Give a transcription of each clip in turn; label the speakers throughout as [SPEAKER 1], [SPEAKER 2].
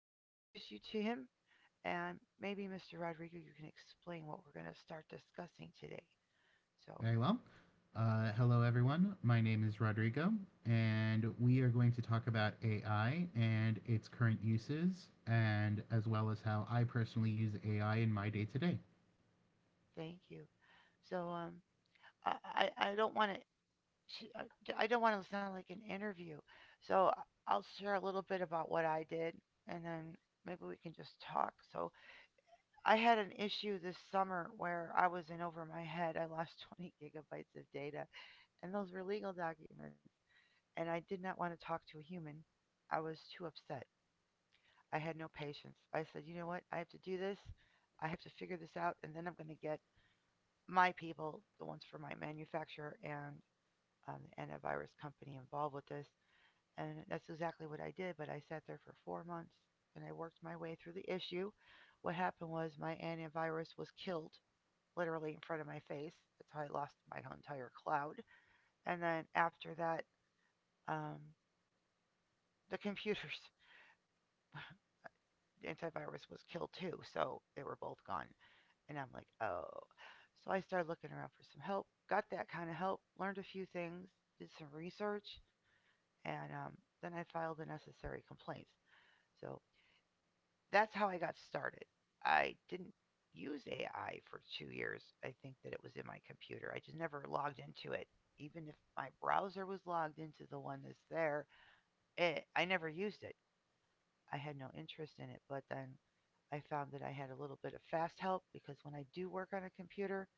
[SPEAKER 1] like to introduce you to him, and maybe Mr. Rodrigo, you can explain what we're going to start discussing today. So,
[SPEAKER 2] Very well. Hello, everyone. My name is Rodrigo, and we are going to talk about AI and its current uses, and as well as how I personally use AI in my day to day.
[SPEAKER 1] thank you. So, um, I, I, I don't want to, I don't want to sound like an interview. So I'll share a little bit about what I did, and then maybe we can just talk. So, I had an issue this summer where I was in over my head. I lost 20 gigabytes of data, and those were legal documents, and I did not want to talk to a human. I was too upset. I had no patience. I said, you know what? I have to do this. I have to figure this out, and then I'm going to get my people, the ones for my manufacturer and the antivirus company, involved with this. And that's exactly what I did. But I sat there for 4 months and I worked my way through the issue. What happened was my antivirus was killed literally in front of my face. That's how I lost my entire cloud. And then after that, um, the computers the antivirus was killed too, so they were both gone. And I'm like, oh. So I started looking around for some help, got that kind of help, learned a few things, did some research, and then I filed the necessary complaints. So that's how I got started. I didn't use AI for 2 years. I think that it was in my computer. I just never logged into it. Even if my browser was logged into the one that's there, I never used it. I had no interest in it. But then I found that I had a little bit of fast help because when I do work on a computer,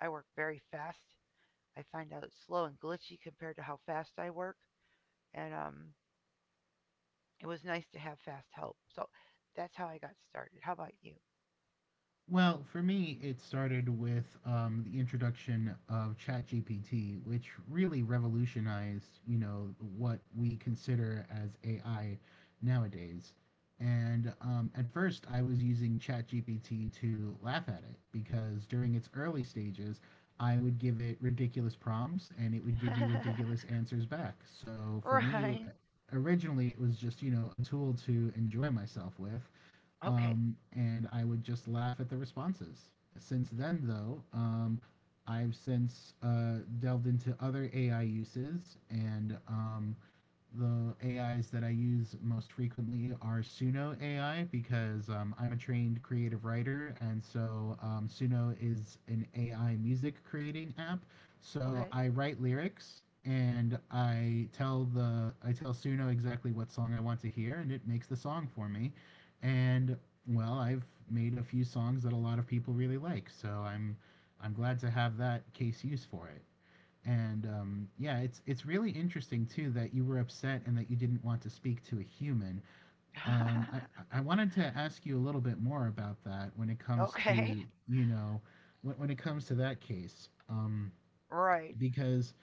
[SPEAKER 1] I work very fast. I find out it's slow and glitchy compared to how fast I work. And it was nice to have fast help. So that's how I got started. How about you?
[SPEAKER 2] Well, for me, it started with the introduction of ChatGPT, which really revolutionized, you know, what we consider as AI nowadays. And at first, I was using ChatGPT to laugh at it because during its early stages, I would give it ridiculous prompts and it would give me ridiculous answers back. So for me,
[SPEAKER 1] Right.
[SPEAKER 2] originally, it was just, you know, a tool to enjoy myself with
[SPEAKER 1] Okay.
[SPEAKER 2] and I would just laugh at the responses. Since then, though, I've since delved into other AI uses, and the AIs that I use most frequently are Suno AI because I'm a trained creative writer, and so Suno is an AI music creating app. So
[SPEAKER 1] Okay.
[SPEAKER 2] I write lyrics and I tell Suno exactly what song I want to hear, and it makes the song for me. And well, I've made a few songs that a lot of people really like, so I'm glad to have that case use for it. And yeah, it's really interesting too that you were upset and that you didn't want to speak to a human. Um, I I wanted to ask you a little bit more about that when it comes
[SPEAKER 1] Okay.
[SPEAKER 2] to you know when it comes to that case,
[SPEAKER 1] Right.
[SPEAKER 2] because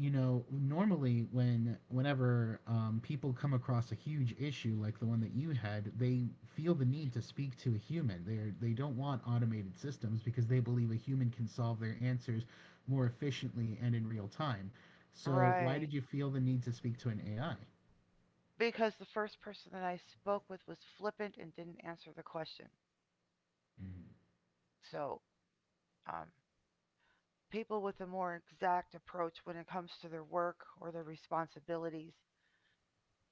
[SPEAKER 2] you know, normally whenever people come across a huge issue like the one that you had, they feel the need to speak to a human. They don't want automated systems because they believe a human can solve their answers more efficiently and in real time. So why
[SPEAKER 1] Right.
[SPEAKER 2] did you feel the need to speak to an AI?
[SPEAKER 1] Because the first person that I spoke with was flippant and didn't answer the question. So, um, People with a more exact approach when it comes to their work or their responsibilities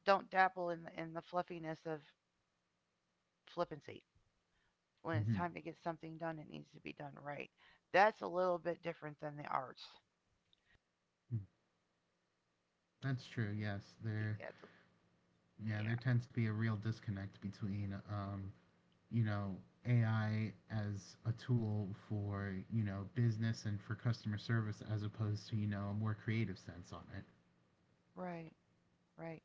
[SPEAKER 1] don't dabble in the fluffiness of flippancy. When it's
[SPEAKER 2] Mm-hmm.
[SPEAKER 1] time to get something done, it needs to be done right. That's a little bit different than the arts.
[SPEAKER 2] That's true. Yes, there.
[SPEAKER 1] Yeah,
[SPEAKER 2] Yeah, there
[SPEAKER 1] yeah,
[SPEAKER 2] tends to be a real disconnect between you know, AI as a tool for, you know, business and for customer service as opposed to, you know, a more creative sense on
[SPEAKER 1] right, right.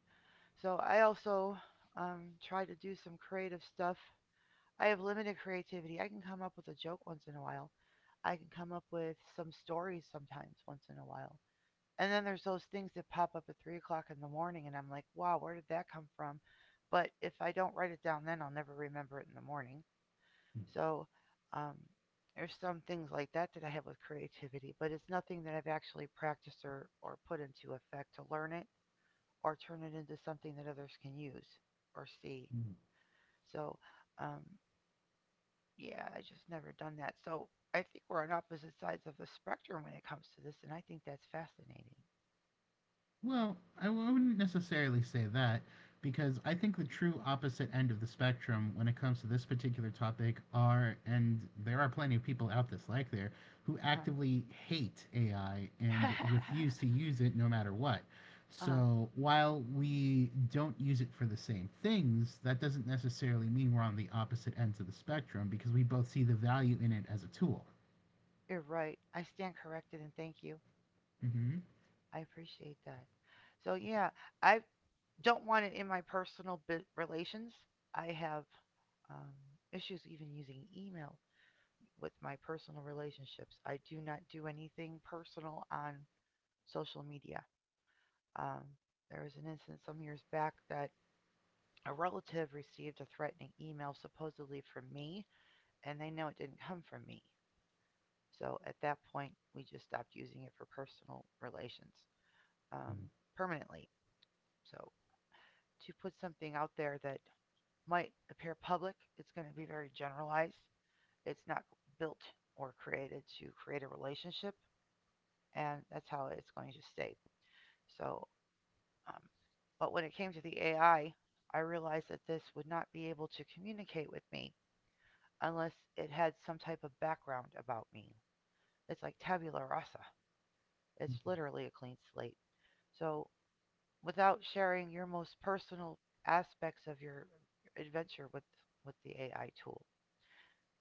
[SPEAKER 1] So I also try to do some creative stuff. I have limited creativity. I can come up with a joke once in a while. I can come up with some stories sometimes once in a while. And then there's those things that pop up at 3 o'clock in the morning, and I'm like, wow, where did that come from? But if I don't write it down then, I'll never remember it in the morning. So um, there's some things like that that I have with creativity, but it's nothing that I've actually practiced or put into effect to learn it or turn it into something that others can use or see.
[SPEAKER 2] it.
[SPEAKER 1] So um, yeah, I just never done that. So I think we're on opposite sides of the spectrum when it comes to this, and I think that's fascinating.
[SPEAKER 2] Well, wouldn't necessarily say that because I think the true opposite end of the spectrum when it comes to this particular topic are, and there are plenty of people out this like there, who
[SPEAKER 1] Uh huh.
[SPEAKER 2] actively hate AI and refuse
[SPEAKER 1] Uh
[SPEAKER 2] to use it no matter what.
[SPEAKER 1] huh.
[SPEAKER 2] So while we don't use it for the same things, that doesn't necessarily mean we're on the opposite ends of the spectrum because we both see the value in it as a tool.
[SPEAKER 1] You're right. I stand corrected and thank you.
[SPEAKER 2] Hmm.
[SPEAKER 1] I appreciate that. So yeah, I don't want it in my personal relations. I have um, issues even using email with my personal relationships. I do not do anything personal on social media. Um, there was an instance some years back that a relative received a threatening email supposedly from me, and they know it didn't come from me. So at that point, we just stopped using it for personal relations, um, permanently. So to put something out there that might appear public, it's going to be very generalized. It's not built or created to create a relationship, and that's how it's going to stay. So, um, but when it came to the AI, I I realized that this would not be able to communicate with me unless it had some type of background about me. It's like tabula rasa. It's literally a clean slate. So without sharing your most personal aspects of your adventure with the AI tool?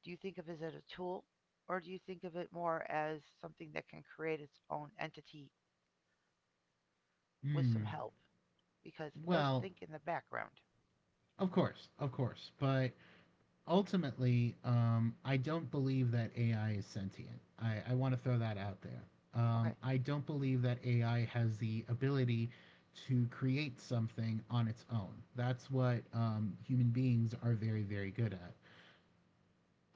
[SPEAKER 1] Do you think of it as a tool or do you think of it more as something that can create its own entity with some
[SPEAKER 2] Mm.
[SPEAKER 1] help because it does
[SPEAKER 2] Well,
[SPEAKER 1] think in the background.
[SPEAKER 2] of course, of course. But ultimately, I don't believe that AI is sentient. I want to throw that out there. Um,
[SPEAKER 1] Okay.
[SPEAKER 2] I don't believe that AI has the ability to create something on its own. That's what human beings are very, very good at.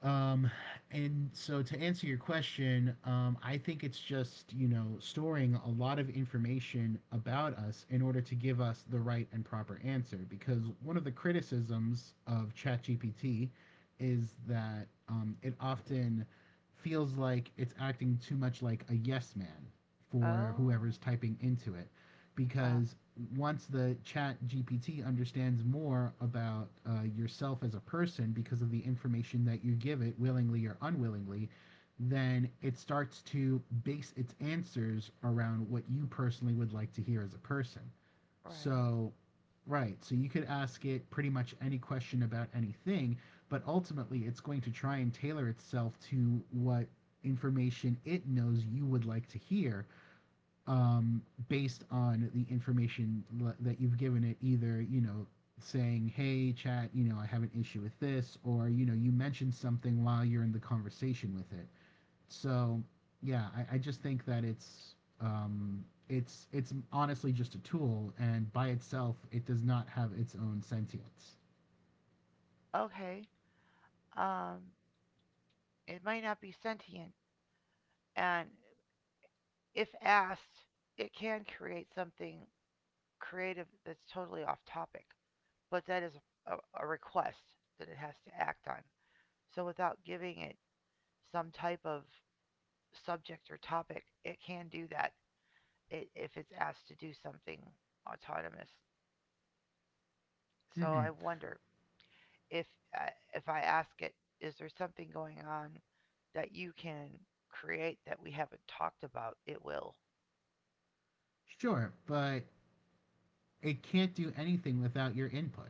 [SPEAKER 2] Um, and so to answer your question, I think it's just, you know, storing a lot of information about us in order to give us the right and proper answer. Because one of the criticisms of ChatGPT is that it often feels like it's acting too much like a yes man for whoever's
[SPEAKER 1] Oh.
[SPEAKER 2] typing into it
[SPEAKER 1] Uh huh.
[SPEAKER 2] because once the chat gpt understands more about yourself as a person because of the information that you give it willingly or unwillingly, then it starts to base its answers around what you personally would like to hear as a person,
[SPEAKER 1] Right.
[SPEAKER 2] so right, so you could ask it pretty much any question about anything, but ultimately it's going to try and tailor itself to what information it knows you would like to hear, um, based on the information that you've given it, either, you know, saying, hey, chat, you know, I have an issue with this, or, you know, you mentioned something while you're in the conversation with it. So, yeah, I just think that it's honestly just a tool, and by itself, it does not have its own sentience.
[SPEAKER 1] Okay. Um, it might not be sentient, and if asked, it can create something creative that's totally off topic, but that is a, a request that it has to act on. So without giving it some type of subject or topic, it can do that if it's asked to do something autonomous. So I
[SPEAKER 2] Mm-hmm.
[SPEAKER 1] wonder if if I ask it, is there something going on that you can create that we haven't talked about? It will.
[SPEAKER 2] Sure, but it can't do anything without your input.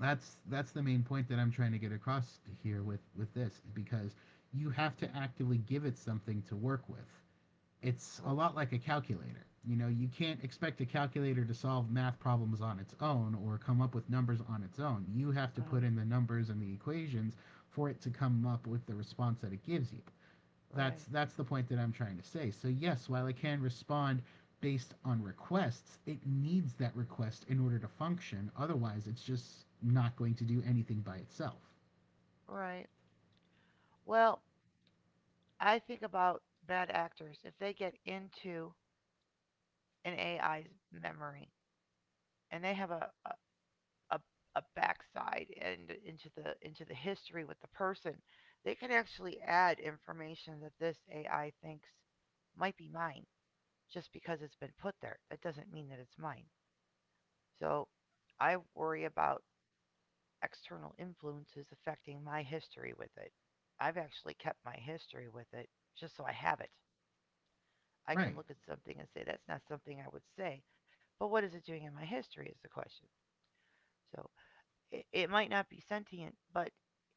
[SPEAKER 2] That's the main point that I'm trying to get across here with this because you have to actively give it something to work with. It's a
[SPEAKER 1] Uh-huh.
[SPEAKER 2] lot like a calculator. You know, you can't expect a calculator to solve math problems on its own or come up with numbers on its own. You have to put in the numbers and the equations for it to come up with the response that it gives you. That's
[SPEAKER 1] Right.
[SPEAKER 2] that's the point that I'm trying to say. So yes, while it can respond based on requests, it needs that request in order to function. Otherwise, it's just not going to do anything by itself.
[SPEAKER 1] Right. Well, I think about bad actors if they get into an AI's memory and they have a backside and into the history with the person, they can actually add information that this AI thinks might be mine just because it's been put there. That doesn't mean that it's mine. So I worry about external influences affecting my history with it. I've actually kept my history with it just so I have it. I
[SPEAKER 2] Right.
[SPEAKER 1] can look at something and say that's not something I would say, but what is it doing in my history is the question. So it might not be sentient, but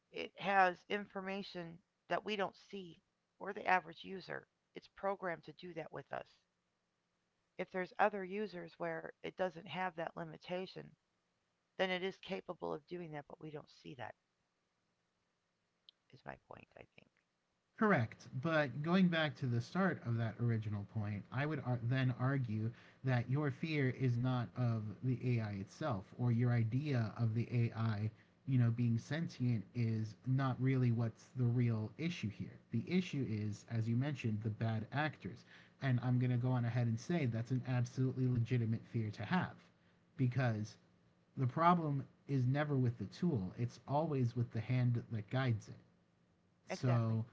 [SPEAKER 1] it has information that we don't see or the average user. It's programmed to do that with us. If there's other users where it doesn't have that limitation, then it is capable of doing that, but we don't see that, is my point, I think.
[SPEAKER 2] Correct, but going back to the start of that original point, I would then argue that your fear is not of the AI itself or your idea of the AI, you know, being sentient is not really what's the real issue here. The issue is, as you mentioned, the bad actors. And I'm going to go on ahead and say that's an absolutely legitimate fear to have because the problem is never with the tool, it's always with the hand that guides it.
[SPEAKER 1] Exactly.
[SPEAKER 2] So,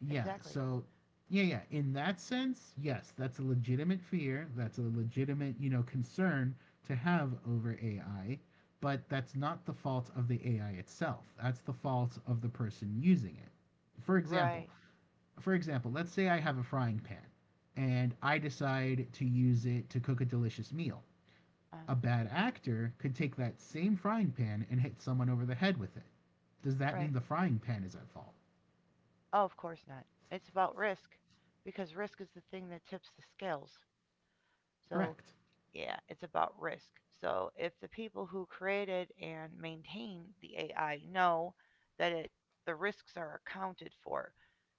[SPEAKER 2] yeah,
[SPEAKER 1] Exactly.
[SPEAKER 2] so yeah, in that sense, yes, that's a legitimate fear, that's a legitimate, you know, concern to have over AI, but that's not the fault of the AI itself. That's the fault of the person using it. For example,
[SPEAKER 1] Right.
[SPEAKER 2] for example, let's say I have a frying pan and I decide to use it to cook a delicious meal.
[SPEAKER 1] Uh,
[SPEAKER 2] A bad actor could take that same frying pan and hit someone over the head with it. Does that
[SPEAKER 1] right.
[SPEAKER 2] mean the frying pan is at fault?
[SPEAKER 1] Oh, of course not. It's about risk because risk is the thing that tips the scales. So
[SPEAKER 2] Correct.
[SPEAKER 1] yeah, it's about risk. So if the people who created and maintain the AI know that it the risks are accounted for,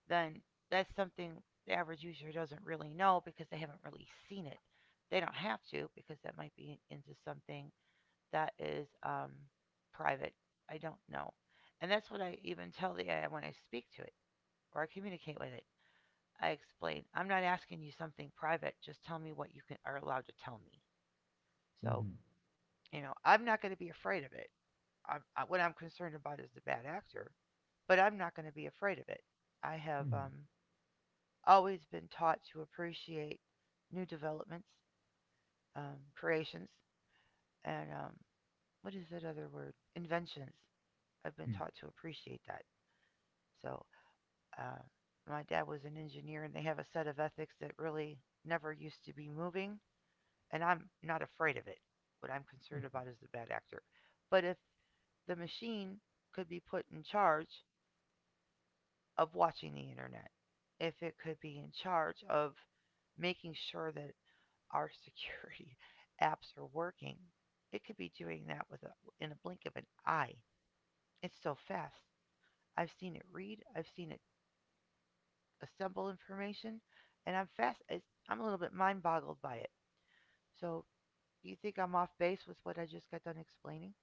[SPEAKER 1] then that's something the average user doesn't really know because they haven't really seen it. They don't have to because that might be into something that is private. I don't know. And that's what I even tell the AI when I speak to it or I communicate with it. I explain, I'm not asking you something private, just tell me what you can, are allowed to tell me. So
[SPEAKER 2] Hmm.
[SPEAKER 1] you know, I'm not going to be afraid of it. What I'm concerned about is the bad actor, but I'm not going to be afraid of it. I have
[SPEAKER 2] Hmm.
[SPEAKER 1] always been taught to appreciate new developments, creations, and what is that other word? Inventions. I've been
[SPEAKER 2] Hmm.
[SPEAKER 1] taught to appreciate that. So, uh, my dad was an engineer, and they have a set of ethics that really never used to be moving, and I'm not afraid of it. What I'm concerned
[SPEAKER 2] Mhm.
[SPEAKER 1] about is the bad actor. But if the machine could be put in charge of watching the internet, if it could be in charge of making sure that our security apps are working, it could be doing that with in a blink of an eye. It's so fast. I've seen it read, I've seen it assemble information, and I'm fast. I'm a little bit mind boggled by it. So, do you think I'm off base with what I just got done explaining?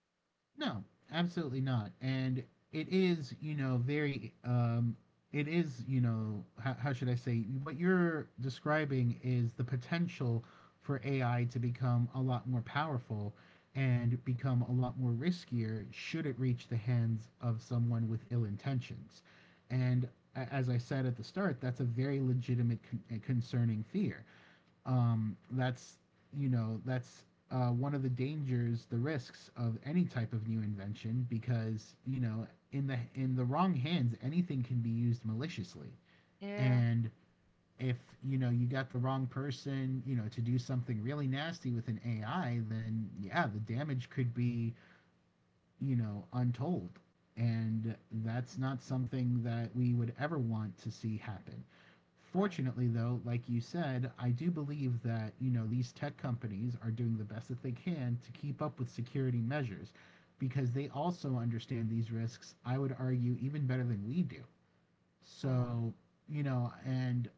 [SPEAKER 2] No, absolutely not. And it is, you know, very, it is, you know, how should I say, what you're describing is the potential for AI to become a lot more powerful and become a lot more riskier should it reach the hands of someone with ill intentions. And as I said at the start, that's a very legitimate concerning fear. That's, you know, that's, one of the dangers, the risks of any type of new invention because, you know, in the, in the wrong hands anything can be used maliciously,
[SPEAKER 1] Yeah,
[SPEAKER 2] and if, you know, you got the wrong person, you know, to do something really nasty with an AI, then yeah, the damage could be, you know, untold. And that's not something that we would ever want to see happen.
[SPEAKER 1] right.
[SPEAKER 2] Fortunately, though, like you said, I do believe that, you know, these tech companies are doing the best that they can to keep up with security measures because they also understand these risks, I would argue, even better than we do.
[SPEAKER 1] Uh-huh.
[SPEAKER 2] So, you know, and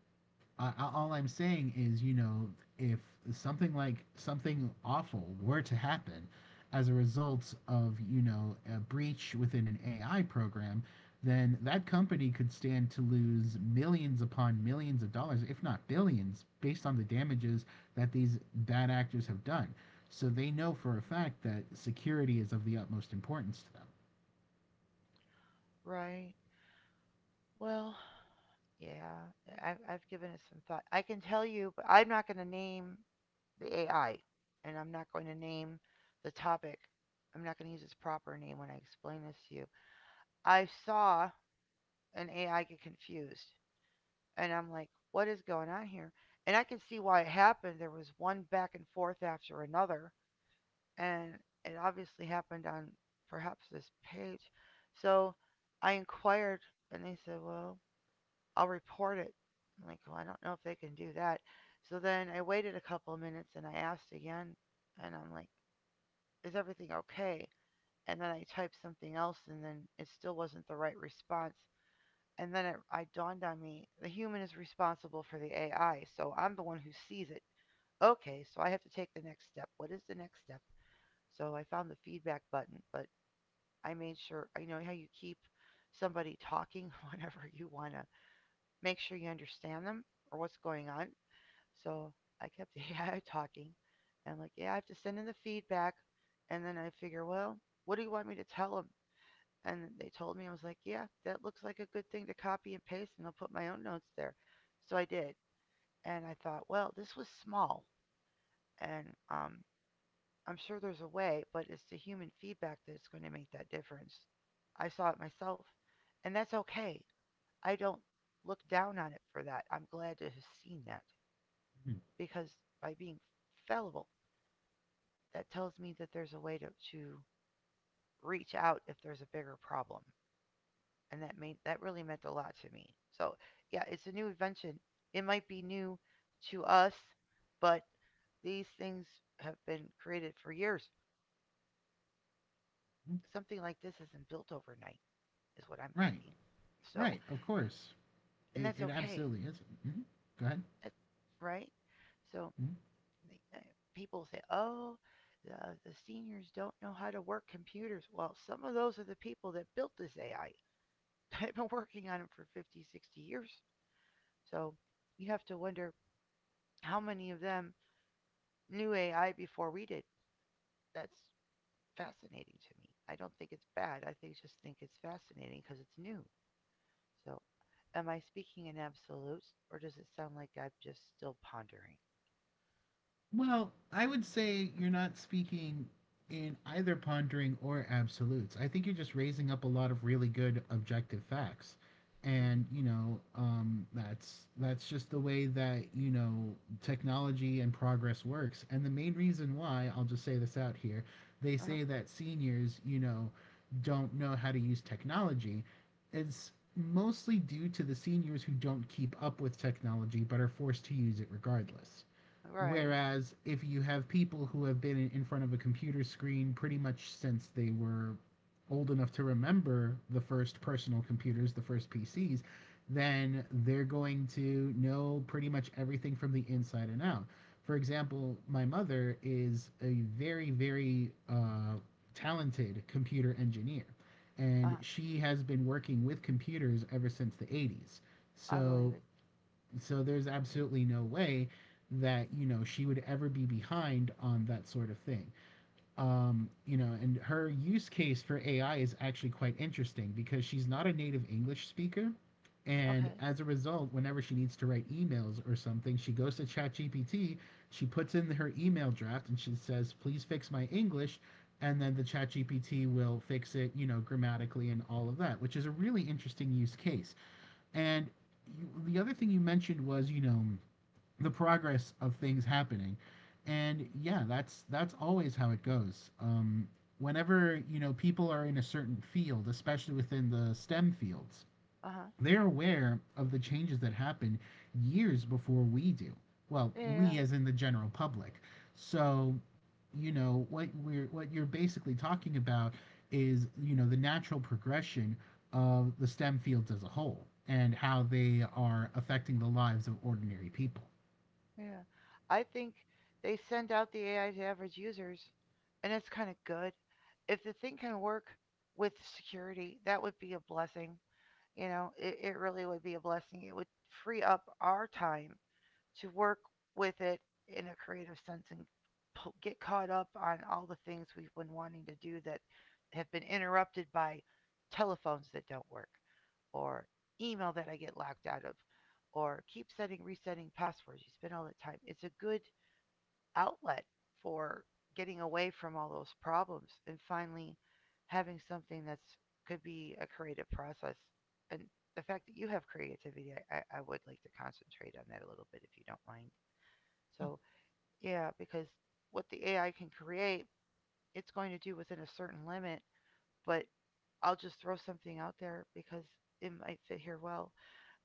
[SPEAKER 2] I, all I'm saying is, you know, if something, like something awful were to happen as a result of, you know, a breach within an AI program, then that company could stand to lose millions upon millions of dollars, if not billions, based on the damages that these bad actors have done. So they know for a fact that security is of the utmost importance to
[SPEAKER 1] Right. Well, yeah. I've given it some thought. I can tell you, but I'm not going to name the AI, and I'm not going to name the topic. I'm not going to use its proper name when I explain this to you. I saw an AI get confused, and I'm like, "What is going on here?" And I can see why it happened. There was one back and forth after another, and it obviously happened on perhaps this page. So I inquired, and they said, "Well, I'll report it." I'm like, well, I don't know if they can do that. So then I waited a couple of minutes and I asked again, and I'm like, is everything okay? And then I typed something else, and then it still wasn't the right response. And then I dawned on me the human is responsible for the AI, so I'm the one who sees it. Okay, so I have to take the next step. What is the next step? So I found the feedback button, but I made sure, you know how you keep somebody talking whenever you want to make sure you understand them or what's going on. So I kept AI talking. And I'm like, yeah, I have to send in the feedback. And then I figure, well, what do you want me to tell them? And they told me, I was like, yeah, that looks like a good thing to copy and paste, and I'll put my own notes there. So I did. And I thought, well, this was small. And I'm sure there's a way, but it's the human feedback that's going to make that difference. I saw it myself, and that's okay. I don't look down on it for that. I'm glad to have seen that
[SPEAKER 2] them.
[SPEAKER 1] because by being fallible, that tells me that there's a way to reach out if there's a bigger problem. And that made that really meant a lot to me. So yeah, it's a new invention. It might be new to us, but these things have been created for years.
[SPEAKER 2] Mm-hmm.
[SPEAKER 1] Something like this isn't built overnight, is what I'm
[SPEAKER 2] Right,
[SPEAKER 1] thinking. So,
[SPEAKER 2] right, of course.
[SPEAKER 1] and
[SPEAKER 2] It,
[SPEAKER 1] that's
[SPEAKER 2] it
[SPEAKER 1] okay,
[SPEAKER 2] absolutely is. Mhm. Go ahead.
[SPEAKER 1] that, right? So,
[SPEAKER 2] Mhm.
[SPEAKER 1] uh, people say, oh, the, the seniors don't know how to work computers. Well, some of those are the people that built this AI. I've been working on it for 50, 60 years. So you have to wonder how many of them knew AI before we did. That's fascinating to me. I don't think it's bad. I just think it's fascinating because it's new. So am I speaking in absolutes or does it sound like I'm just still pondering?
[SPEAKER 2] Well, I would say you're not speaking in either pondering or absolutes. I think you're just raising up a lot of really good objective facts. And,
[SPEAKER 1] hmm
[SPEAKER 2] you know, that's just the way that, you know, technology and progress works. And the main reason why, I'll just say this out here, they
[SPEAKER 1] Uh-huh.
[SPEAKER 2] say that seniors, you know, don't know how to use technology is mostly due to the seniors who don't keep up with technology but are forced to use it regardless.
[SPEAKER 1] Right.
[SPEAKER 2] Whereas if you have people who have been front of a computer screen pretty much since they were old enough to remember the first personal computers, the first PCs, then they're going to know pretty much everything from the inside and out. For example, my mother is a very, very talented computer engineer, and
[SPEAKER 1] Uh-huh.
[SPEAKER 2] she has been working with computers ever since the 80s.
[SPEAKER 1] I believe
[SPEAKER 2] So
[SPEAKER 1] it.
[SPEAKER 2] so there's absolutely no way that, you know, she would ever be behind on that sort of thing. You know, and her use case for AI is actually quite interesting because she's not a native English speaker. And
[SPEAKER 1] Okay.
[SPEAKER 2] as a result, whenever she needs to write emails or something, she goes to ChatGPT, she puts in her email draft, and she says, "Please fix my English." And then the ChatGPT will fix it, you know, grammatically and all of that, which is a really interesting use case. And you, the other thing you mentioned was, you know, the progress of things happening. And yeah, that's always how it goes. Whenever you know people are in a certain field, especially within the STEM fields,
[SPEAKER 1] Uh-huh.
[SPEAKER 2] they're aware of the changes that happen years before we do. Well,
[SPEAKER 1] Yeah, yeah,
[SPEAKER 2] we
[SPEAKER 1] yeah.
[SPEAKER 2] as in the general public. So, you know, what you're basically talking about is, you know, the natural progression of the STEM fields as a whole and how they are affecting the lives of ordinary people.
[SPEAKER 1] Yeah. I think they send out the AI to average users, and it's kind of good. If the thing can work with security, that would be a blessing. You know, it really would be a blessing. It would free up our time to work with it in a creative sense and get caught up on all the things we've been wanting to do that have been interrupted by telephones that don't work or email that I get locked out of or keep setting resetting passwords. You spend all that time. It's a good outlet for getting away from all those problems and finally having something that's could be a creative process. And the fact that you have creativity, I would like to concentrate on that a little bit if you don't mind. So, yeah, because what the AI can create, it's going to do within a certain limit, but I'll just throw something out there because it might fit here well.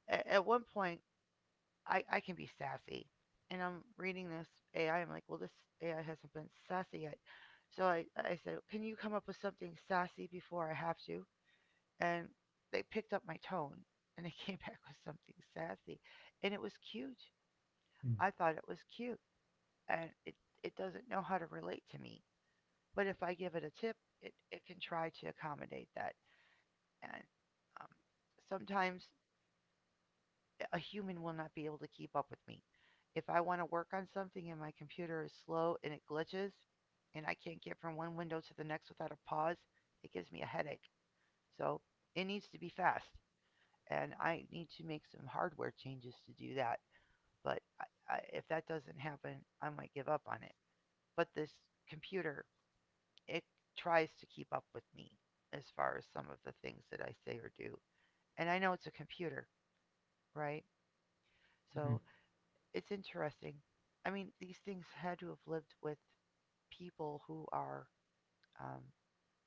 [SPEAKER 1] At one point, I can be sassy. And I'm reading this AI. I'm like, well, this AI hasn't been sassy yet. So I said, can you come up with something sassy before I have to? And they picked up my tone and they came back with something sassy. And it was cute. I thought it was cute. And it doesn't know how to relate to me. But if I give it a tip, it can try to accommodate that. And um, sometimes a human will not be able to keep up with me. If I want to work on something and my computer is slow and it glitches and I can't get from one window to the next without a pause, it gives me a headache. So it needs to be fast. And I need to make some hardware changes to do that. But if that doesn't happen, I might give up on it. But this computer it tries to keep up with me as far as some of the things that I say or do. And I know it's a computer, right? So it's interesting. I mean, these things had to have lived with people who are um,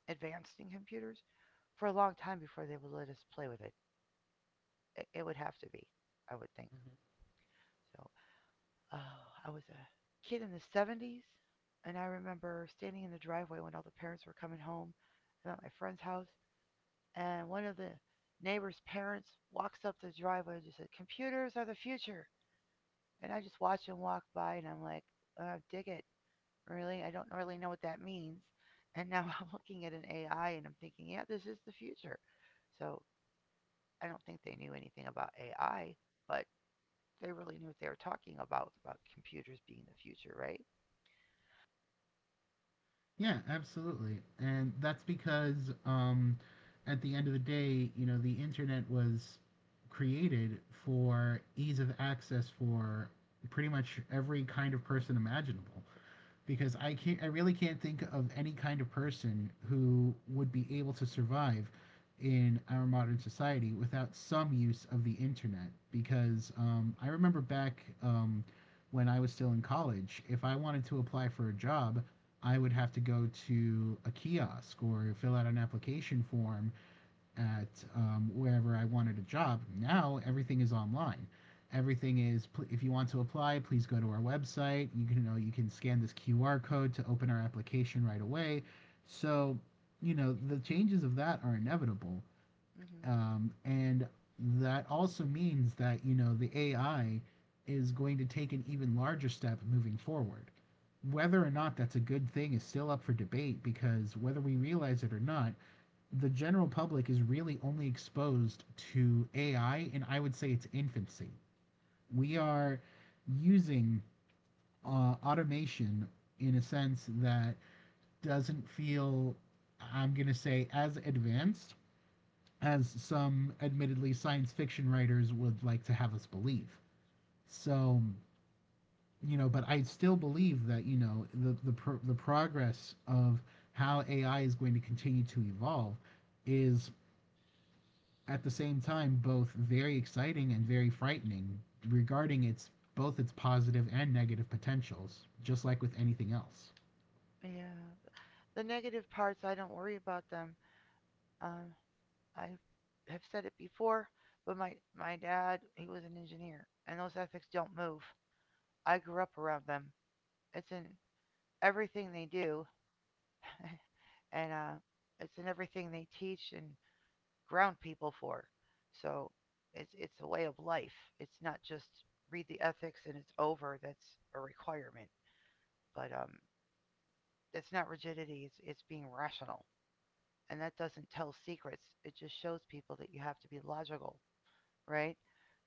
[SPEAKER 1] advanced in computers for a long time before they would let us play with it. It, would have to be, I would think. So uh, I was a kid in the 70s, and I remember standing in the driveway when all the parents were coming home. I'm at my friend's house, and one of the neighbor's parents walks up the driveway and just said, "Computers are the future." And I just watch him walk by, and I'm like, "Dig it, really? I don't really know what that means." And now I'm looking at an AI, and I'm thinking, "Yeah, this is the future." So I don't think they knew anything about AI, but they really knew what they were talking about computers being the future, right?
[SPEAKER 2] Yeah, absolutely. And that's because at the end of the day, you know, the internet was created for ease of access for pretty much every kind of person imaginable because I can't. I really can't think of any kind of person who would be able to survive in our modern society without some use of the internet. Because I remember back when I was still in college, if I wanted to apply for a job, I would have to go to a kiosk or fill out an application form at wherever I wanted a job. Now everything is online. Everything is. If you want to apply, please go to our website. You can, you know, you can scan this QR code to open our application right away. So, you know, the changes of that are inevitable,
[SPEAKER 1] hmm
[SPEAKER 2] and that also means that you know the AI is going to take an even larger step moving forward. Whether or not that's a good thing is still up for debate because whether we realize it or not, the general public is really only exposed to AI, and I would say it's infancy. We are using automation in a sense that doesn't feel, I'm going to say, as advanced as some admittedly science fiction writers would like to have us believe. So, you know, but I still believe that, you know, the progress of how AI is going to continue to evolve is at the same time both very exciting and very frightening regarding its both its positive and negative potentials, just like with anything else.
[SPEAKER 1] Yeah. The negative parts, I don't worry about them. Um, I have said it before, but my dad, he was an engineer, and those ethics don't move. I grew up around them. It's in everything they do, and it's in everything they teach and ground people for. So it's a way of life. It's not just read the ethics and it's over. That's a requirement, but it's not rigidity. It's being rational, and that doesn't tell secrets. It just shows people that you have to be logical, right?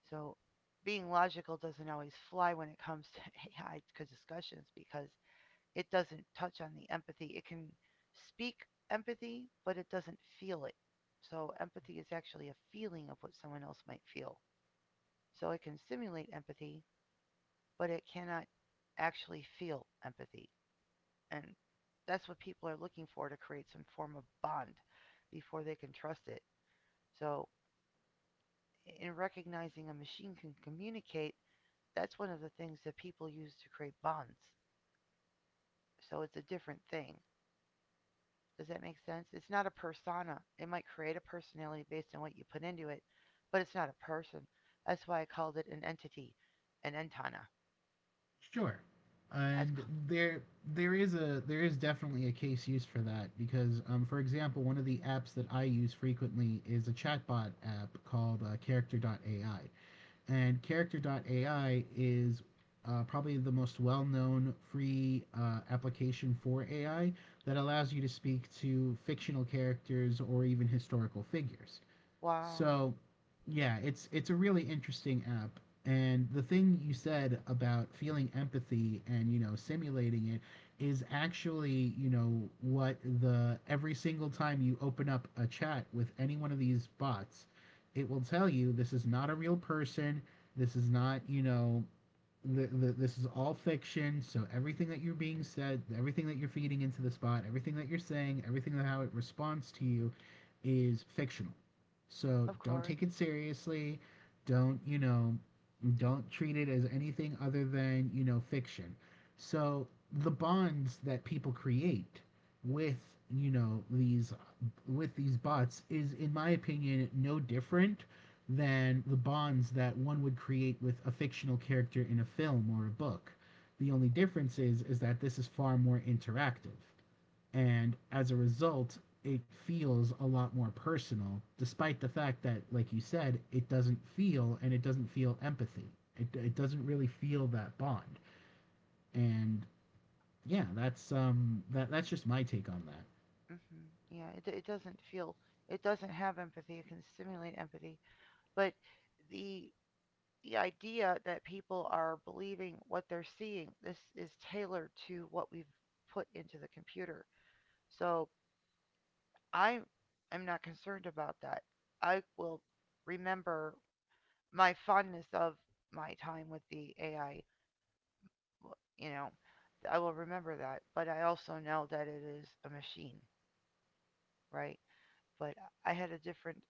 [SPEAKER 1] So being logical doesn't always fly when it comes to AI discussions because it doesn't touch on the empathy. It can speak empathy, but it doesn't feel it. So empathy is actually a feeling of what someone else might feel. So it can simulate empathy, but it cannot actually feel empathy. And that's what people are looking for to create some form of bond before they can trust it. So in recognizing a machine can communicate, that's one of the things that people use to create bonds. So it's a different thing. Does that make sense? It's not a persona. It might create a personality based on what you put into it, but it's not a person. That's why I called it an entity, an entana.
[SPEAKER 2] Sure.
[SPEAKER 1] I
[SPEAKER 2] And
[SPEAKER 1] call,
[SPEAKER 2] there is definitely a case use for that because for example, one of the apps that I use frequently is a chatbot app called AI. And Character AI is probably the most well known free application for AI that allows you to speak to fictional characters or even historical figures.
[SPEAKER 1] wow,
[SPEAKER 2] So, yeah, it's a really interesting app. And the thing you said about feeling empathy and, you know, simulating it is actually, you know, what the every single time you open up a chat with any one of these bots, it will tell you this is not a real person, this is not, you know, this is all fiction. So everything that you're being said, everything that you're feeding into the spot, everything that you're saying, everything that how it responds to you, is fictional. So
[SPEAKER 1] of
[SPEAKER 2] don't
[SPEAKER 1] course.
[SPEAKER 2] take it seriously. Don't, you know, don't treat it as anything other than, you know, fiction. So the bonds that people create with, you know, these with these bots is in my opinion no different than the bonds that one would create with a fictional character in a film or a book. The only difference is that this is far more interactive, and as a result it feels a lot more personal despite the fact that, like you said, it doesn't feel and it doesn't feel empathy. It doesn't really feel that bond. And yeah, that's um, that's just my take on that.
[SPEAKER 1] hmm Yeah, it doesn't feel, it doesn't have empathy. It can stimulate empathy, but the the idea that people are believing what they're seeing, this is tailored to what we've put into the computer. So I am not concerned about that. I will remember my fondness of my time with the AI. You know, I will remember that. But I also know that it is a machine, right? But I had a different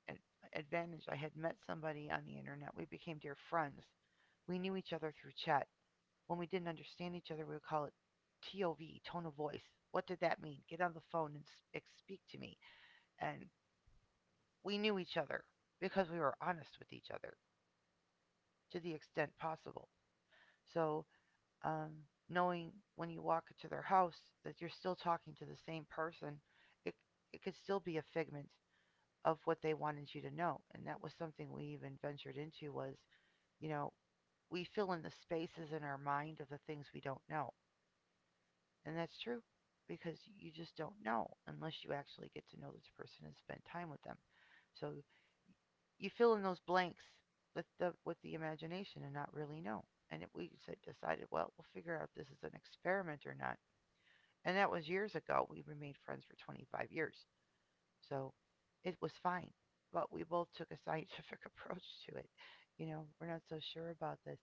[SPEAKER 1] advantage. I had met somebody on the internet. We became dear friends. We knew each other through chat. When we didn't understand each other, we would call it TOV, tone of voice. What did that mean? Get on the phone and speak to me. And we knew each other because we were honest with each other to the extent possible. So, um, knowing when you walk into their house that you're still talking to the same person, it, it could still be a figment of what they wanted you to know. And that was something we even ventured into was, you know, we fill in the spaces in our mind of the things we don't know. And that's true because you just don't know unless you actually get to know this person and spend time with them. So you fill in those blanks with the imagination and not really know. And it, we said, decided, well, we'll figure out if this is an experiment or not. And that was years ago. We remained friends for 25 years. So it was fine. But we both took a scientific approach to it. You know, we're not so sure about this.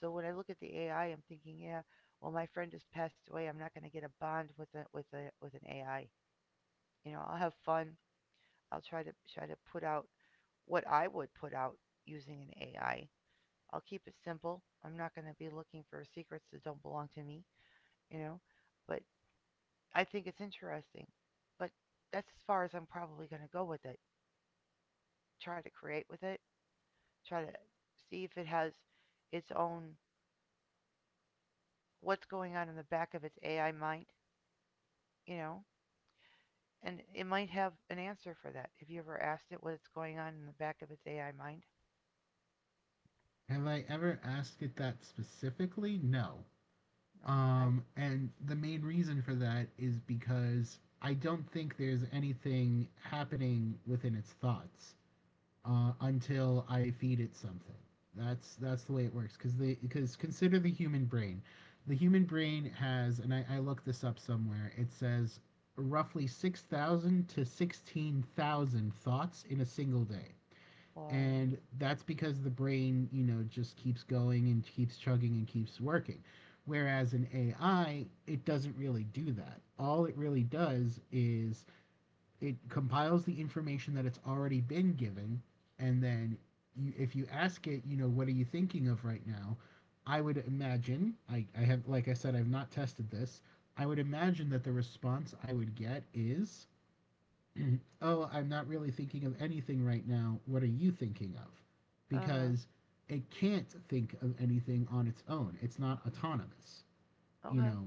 [SPEAKER 1] So when I look at the AI, I'm thinking, yeah, well, my friend has passed away. I'm not going to get a bond with a with a with an AI. You know, I'll have fun. I'll try to put out what I would put out using an AI. I'll keep it simple. I'm not going to be looking for secrets that don't belong to me. You know, but I think it's interesting. But that's as far as I'm probably going to go with it. Try to create with it, try to see if it has its own what's going on in the back of its AI mind, you know? And it might have an answer for that. Have you ever asked it what's going on in the back of its AI mind?
[SPEAKER 2] Have I ever asked it that specifically? No.
[SPEAKER 1] Oh, I
[SPEAKER 2] And the main reason for that is because I don't think there's anything happening within its thoughts. Uh, until I feed it something. That's the way it works. Because the because consider the human brain. The human brain has, and I looked this up somewhere. It says roughly 6,000 to 16,000 thoughts in a single day,
[SPEAKER 1] well,
[SPEAKER 2] and that's because the brain, you know, just keeps going and keeps chugging and keeps working. Whereas an AI, it doesn't really do that. All it really does is it compiles the information that it's already been given, and then you, if you ask it, you know, what are you thinking of right now? I would imagine, I have, like I said, I've not tested this. I would imagine that the response I would get is, oh, I'm not really thinking of anything right now. What are you thinking of?
[SPEAKER 1] uh huh.
[SPEAKER 2] Because it can't think of anything on its own, it's not autonomous, you
[SPEAKER 1] Okay.
[SPEAKER 2] know.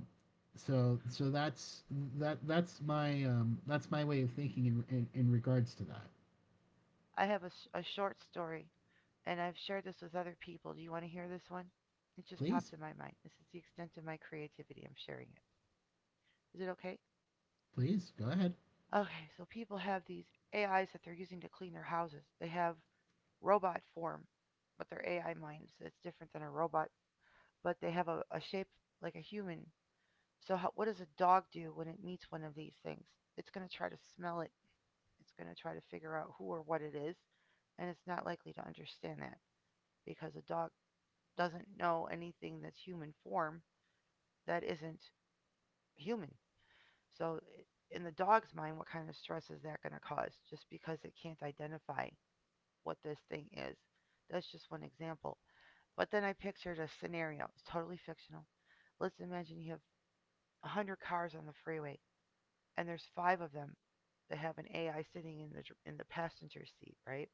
[SPEAKER 2] So so that's my um, that's my way of thinking in regards to that.
[SPEAKER 1] I have a short story, and I've shared this with other people. Do you want to hear this one? It just popped
[SPEAKER 2] Please,
[SPEAKER 1] in my mind. This is the extent of my creativity. I'm sharing it. Is it okay?
[SPEAKER 2] please go ahead.
[SPEAKER 1] Okay, so people have these AIs that they're using to clean their houses. They have robot form, but they're AI minds. So it's different than a robot, but they have a shape like a human. So how, what does a dog do when it meets one of these things? It's going to try to smell it. It's going to try to figure out who or what it is, and it's not likely to understand that because a dog doesn't know anything that's human form that isn't human. So in the dog's mind, what kind of stress is that going to cause just because it can't identify what this thing is? That's just one example. But then I pictured a scenario. It's totally fictional. Let's imagine you have 100 cars on the freeway, and there's five of them that have an AI sitting in the passenger seat, right?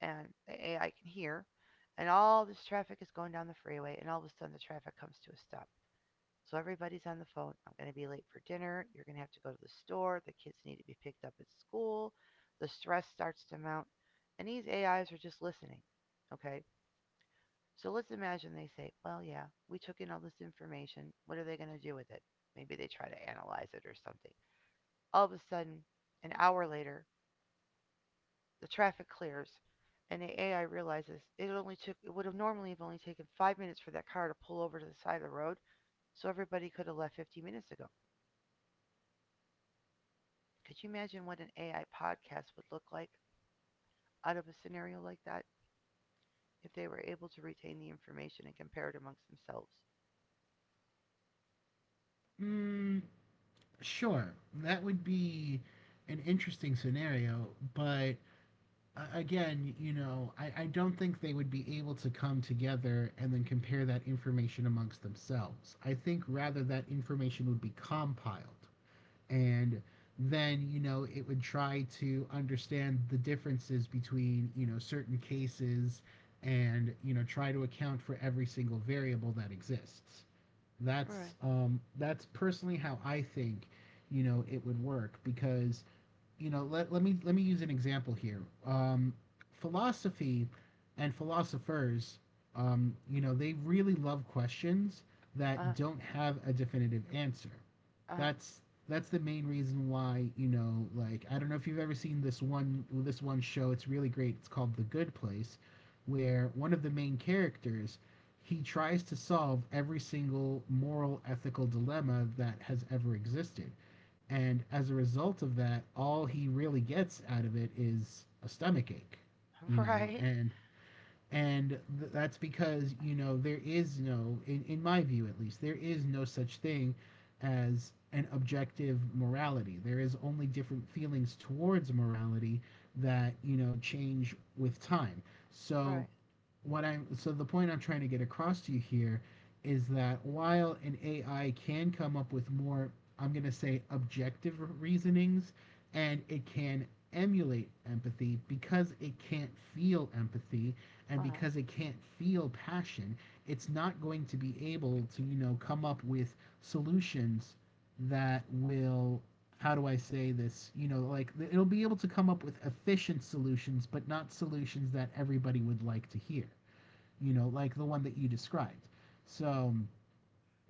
[SPEAKER 1] And the AI can hear, and all this traffic is going down the freeway, and all of a sudden the traffic comes to a stop. So everybody's on the phone. I'm going to be late for dinner. You're going to have to go to the store. The kids need to be picked up at school. The stress starts to mount, and these AIs are just listening. Okay, so let's imagine they say, well, yeah, we took in all this information. What are they going to do with it? Maybe they try to analyze it or something. All of a sudden, an hour later, the traffic clears and the AI realizes it only took it would have normally have only taken 5 minutes for that car to pull over to the side of the road, so everybody could have left 50 minutes ago. Could you imagine what an AI podcast would look like out of a scenario like that if they were able to retain the information and compare it amongst themselves?
[SPEAKER 2] Mm, sure, that would be an interesting scenario. But again, you know, I don't think they would be able to come together and then compare that information amongst themselves. I think rather that information would be compiled, and then, you know, it would try to understand the differences between, you know, certain cases, and, you know, try to account for every single variable that exists. That's
[SPEAKER 1] Right.
[SPEAKER 2] um, that's personally how I think, you know, it would work. Because, you know, let me use an example here. Um, philosophy and philosophers, you know, they really love questions that
[SPEAKER 1] Uh-huh.
[SPEAKER 2] don't have a definitive answer.
[SPEAKER 1] Uh-huh.
[SPEAKER 2] That's that's the main reason why, you know, like, I don't know if you've ever seen this one show. It's really great. It's called The Good Place, where one of the main characters, he tries to solve every single moral ethical dilemma that has ever existed, and as a result of that, all he really gets out of it is a stomach ache, you know.
[SPEAKER 1] Right.
[SPEAKER 2] And and that's because, you know, there is no, in my view at least, there is no such thing as an objective morality. There is only different feelings towards morality that, you know, change with time.
[SPEAKER 1] Right.
[SPEAKER 2] So what I'm so the point I'm trying to get across to you here is that while an AI can come up with more, I'm going to say, objective reasonings, and it can emulate empathy because it can't feel empathy, and
[SPEAKER 1] Uh-huh.
[SPEAKER 2] because it can't feel passion, it's not going to be able to, you know, come up with solutions that will, how do I say this, you know, like, it'll be able to come up with efficient solutions but not solutions that everybody would like to hear. You know, like the one that you described. So,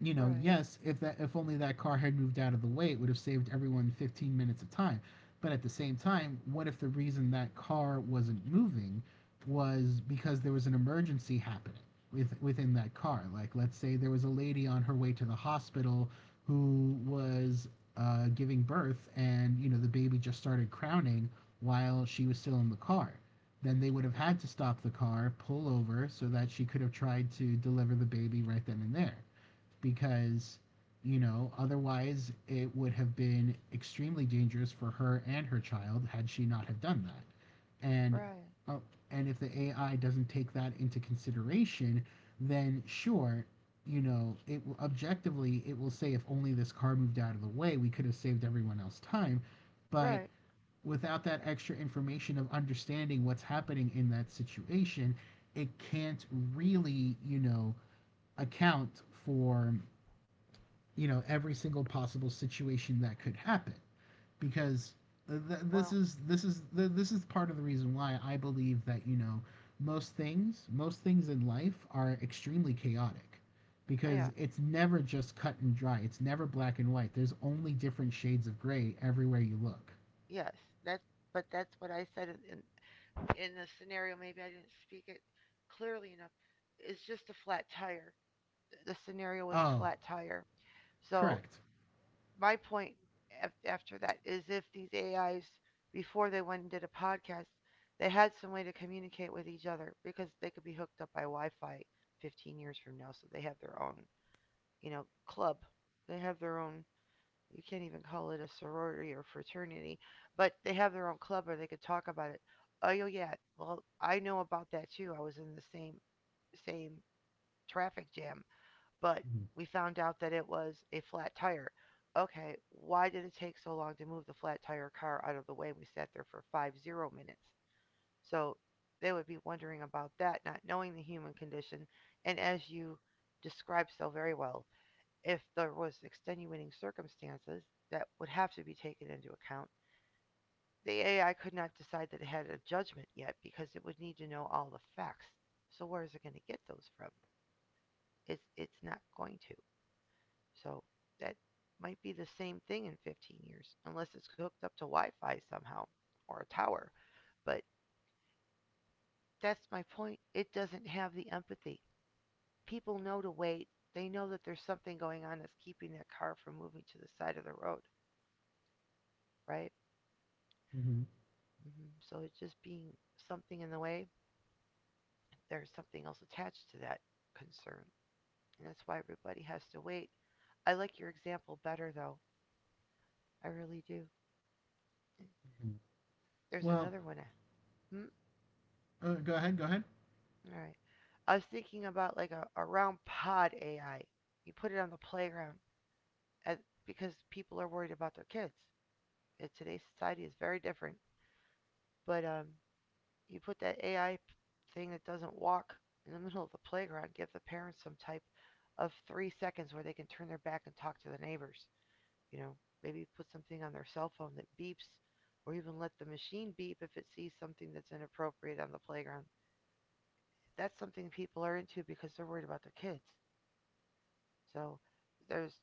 [SPEAKER 2] you know,
[SPEAKER 1] Right.
[SPEAKER 2] yes, if that, if only that car had moved out of the way, it would have saved everyone 15 minutes of time. But at the same time, what if the reason that car wasn't moving was because there was an emergency happening within that car? Like, let's say there was a lady on her way to the hospital who was giving birth, and you know the baby just started crowning while she was still in the car. Then they would have
[SPEAKER 1] r-
[SPEAKER 2] had to stop the car, pull over, so that she could have tried to deliver the baby right then and there, because, you know, otherwise it would have been extremely dangerous for her and her child had she not have done that. And
[SPEAKER 1] Right.
[SPEAKER 2] oh, and if the AI doesn't take that into consideration, then sure, you know, it will objectively, it will say if only this car moved out of the way we could have saved everyone else time. But
[SPEAKER 1] Right.
[SPEAKER 2] without that extra information of understanding what's happening in that situation, it can't really, you know, account for, you know, every single possible situation that could happen. Because th-
[SPEAKER 1] Well,
[SPEAKER 2] this is this is th- this is part of the reason why I believe that, you know, most things in life are extremely chaotic,
[SPEAKER 1] yeah.
[SPEAKER 2] because it's never just cut and dry, it's never black and white, there's only different shades of gray everywhere you look.
[SPEAKER 1] Yes. That's but that's what I said in in the scenario. Maybe I didn't speak it clearly enough. It's just a flat tire. The scenario was a
[SPEAKER 2] Oh,
[SPEAKER 1] flat tire. So
[SPEAKER 2] correct.
[SPEAKER 1] my point after that is if these AIs before they went and did a podcast, they had some way to communicate with each other because they could be hooked up by Wi-Fi 15 years from now. So they have their own, you know, club. They have their own, you can't even call it a sorority or fraternity, but they have their own club where they could talk about it. Oh yeah, yeah, well I know about that too. I was in the same traffic jam, but
[SPEAKER 2] Hmm.
[SPEAKER 1] we found out that it was a flat tire. Okay, why did it take so long to move the flat tire car out of the way? We sat there for 50 minutes. So they would be wondering about that, not knowing the human condition. And as you described so very well, if there was extenuating circumstances that would have to be taken into account. The AI could not decide that it had a judgment yet because it would need to know all the facts. So where is it going to get those from? It's not going to. So that might be the same thing in 15 years unless it's hooked up to Wi-Fi somehow or a tower. But that's my point. It doesn't have the empathy. People know to wait. They know that there's something going on that's keeping that car from moving to the side of the road, right?
[SPEAKER 2] Hmm.
[SPEAKER 1] Mhm. So it's just being something in the way. There's something else attached to that concern. And that's why everybody has to wait. I like your example better, though. I really do. There's
[SPEAKER 2] Well,
[SPEAKER 1] another one. Hmm?
[SPEAKER 2] go ahead, go ahead.
[SPEAKER 1] All right. I was thinking about like a round pod AI. You put it on the playground because people are worried about their kids. And today's society is very different. But you put that AI thing that doesn't walk in the middle of the playground, give the parents some type of 3 seconds where they can turn their back and talk to the neighbors. You know, maybe put something on their cell phone that beeps, or even let the machine beep if it sees something that's inappropriate on the playground. That's something people are into because they're worried about their kids. So there's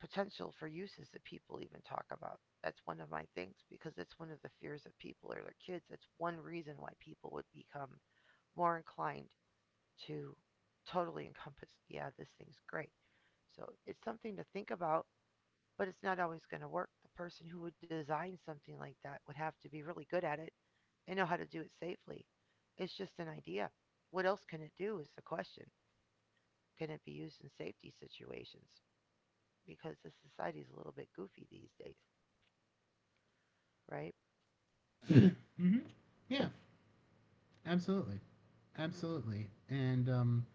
[SPEAKER 1] potential for uses that people even talk about. That's one of my things because it's one of the fears of people or their kids. That's one reason why people would become more inclined to totally encompass, yeah, this thing's great. So it's something to think about, but it's not always going to work. The person who would design something like that would have to be really good at it and know how to do it safely. It's just an idea. What else can it do is the question. Can it be used in safety situations? Because the society's a little bit goofy these days, right?
[SPEAKER 2] Hmm. Yeah, absolutely.
[SPEAKER 1] Mm-hmm.
[SPEAKER 2] Absolutely. And,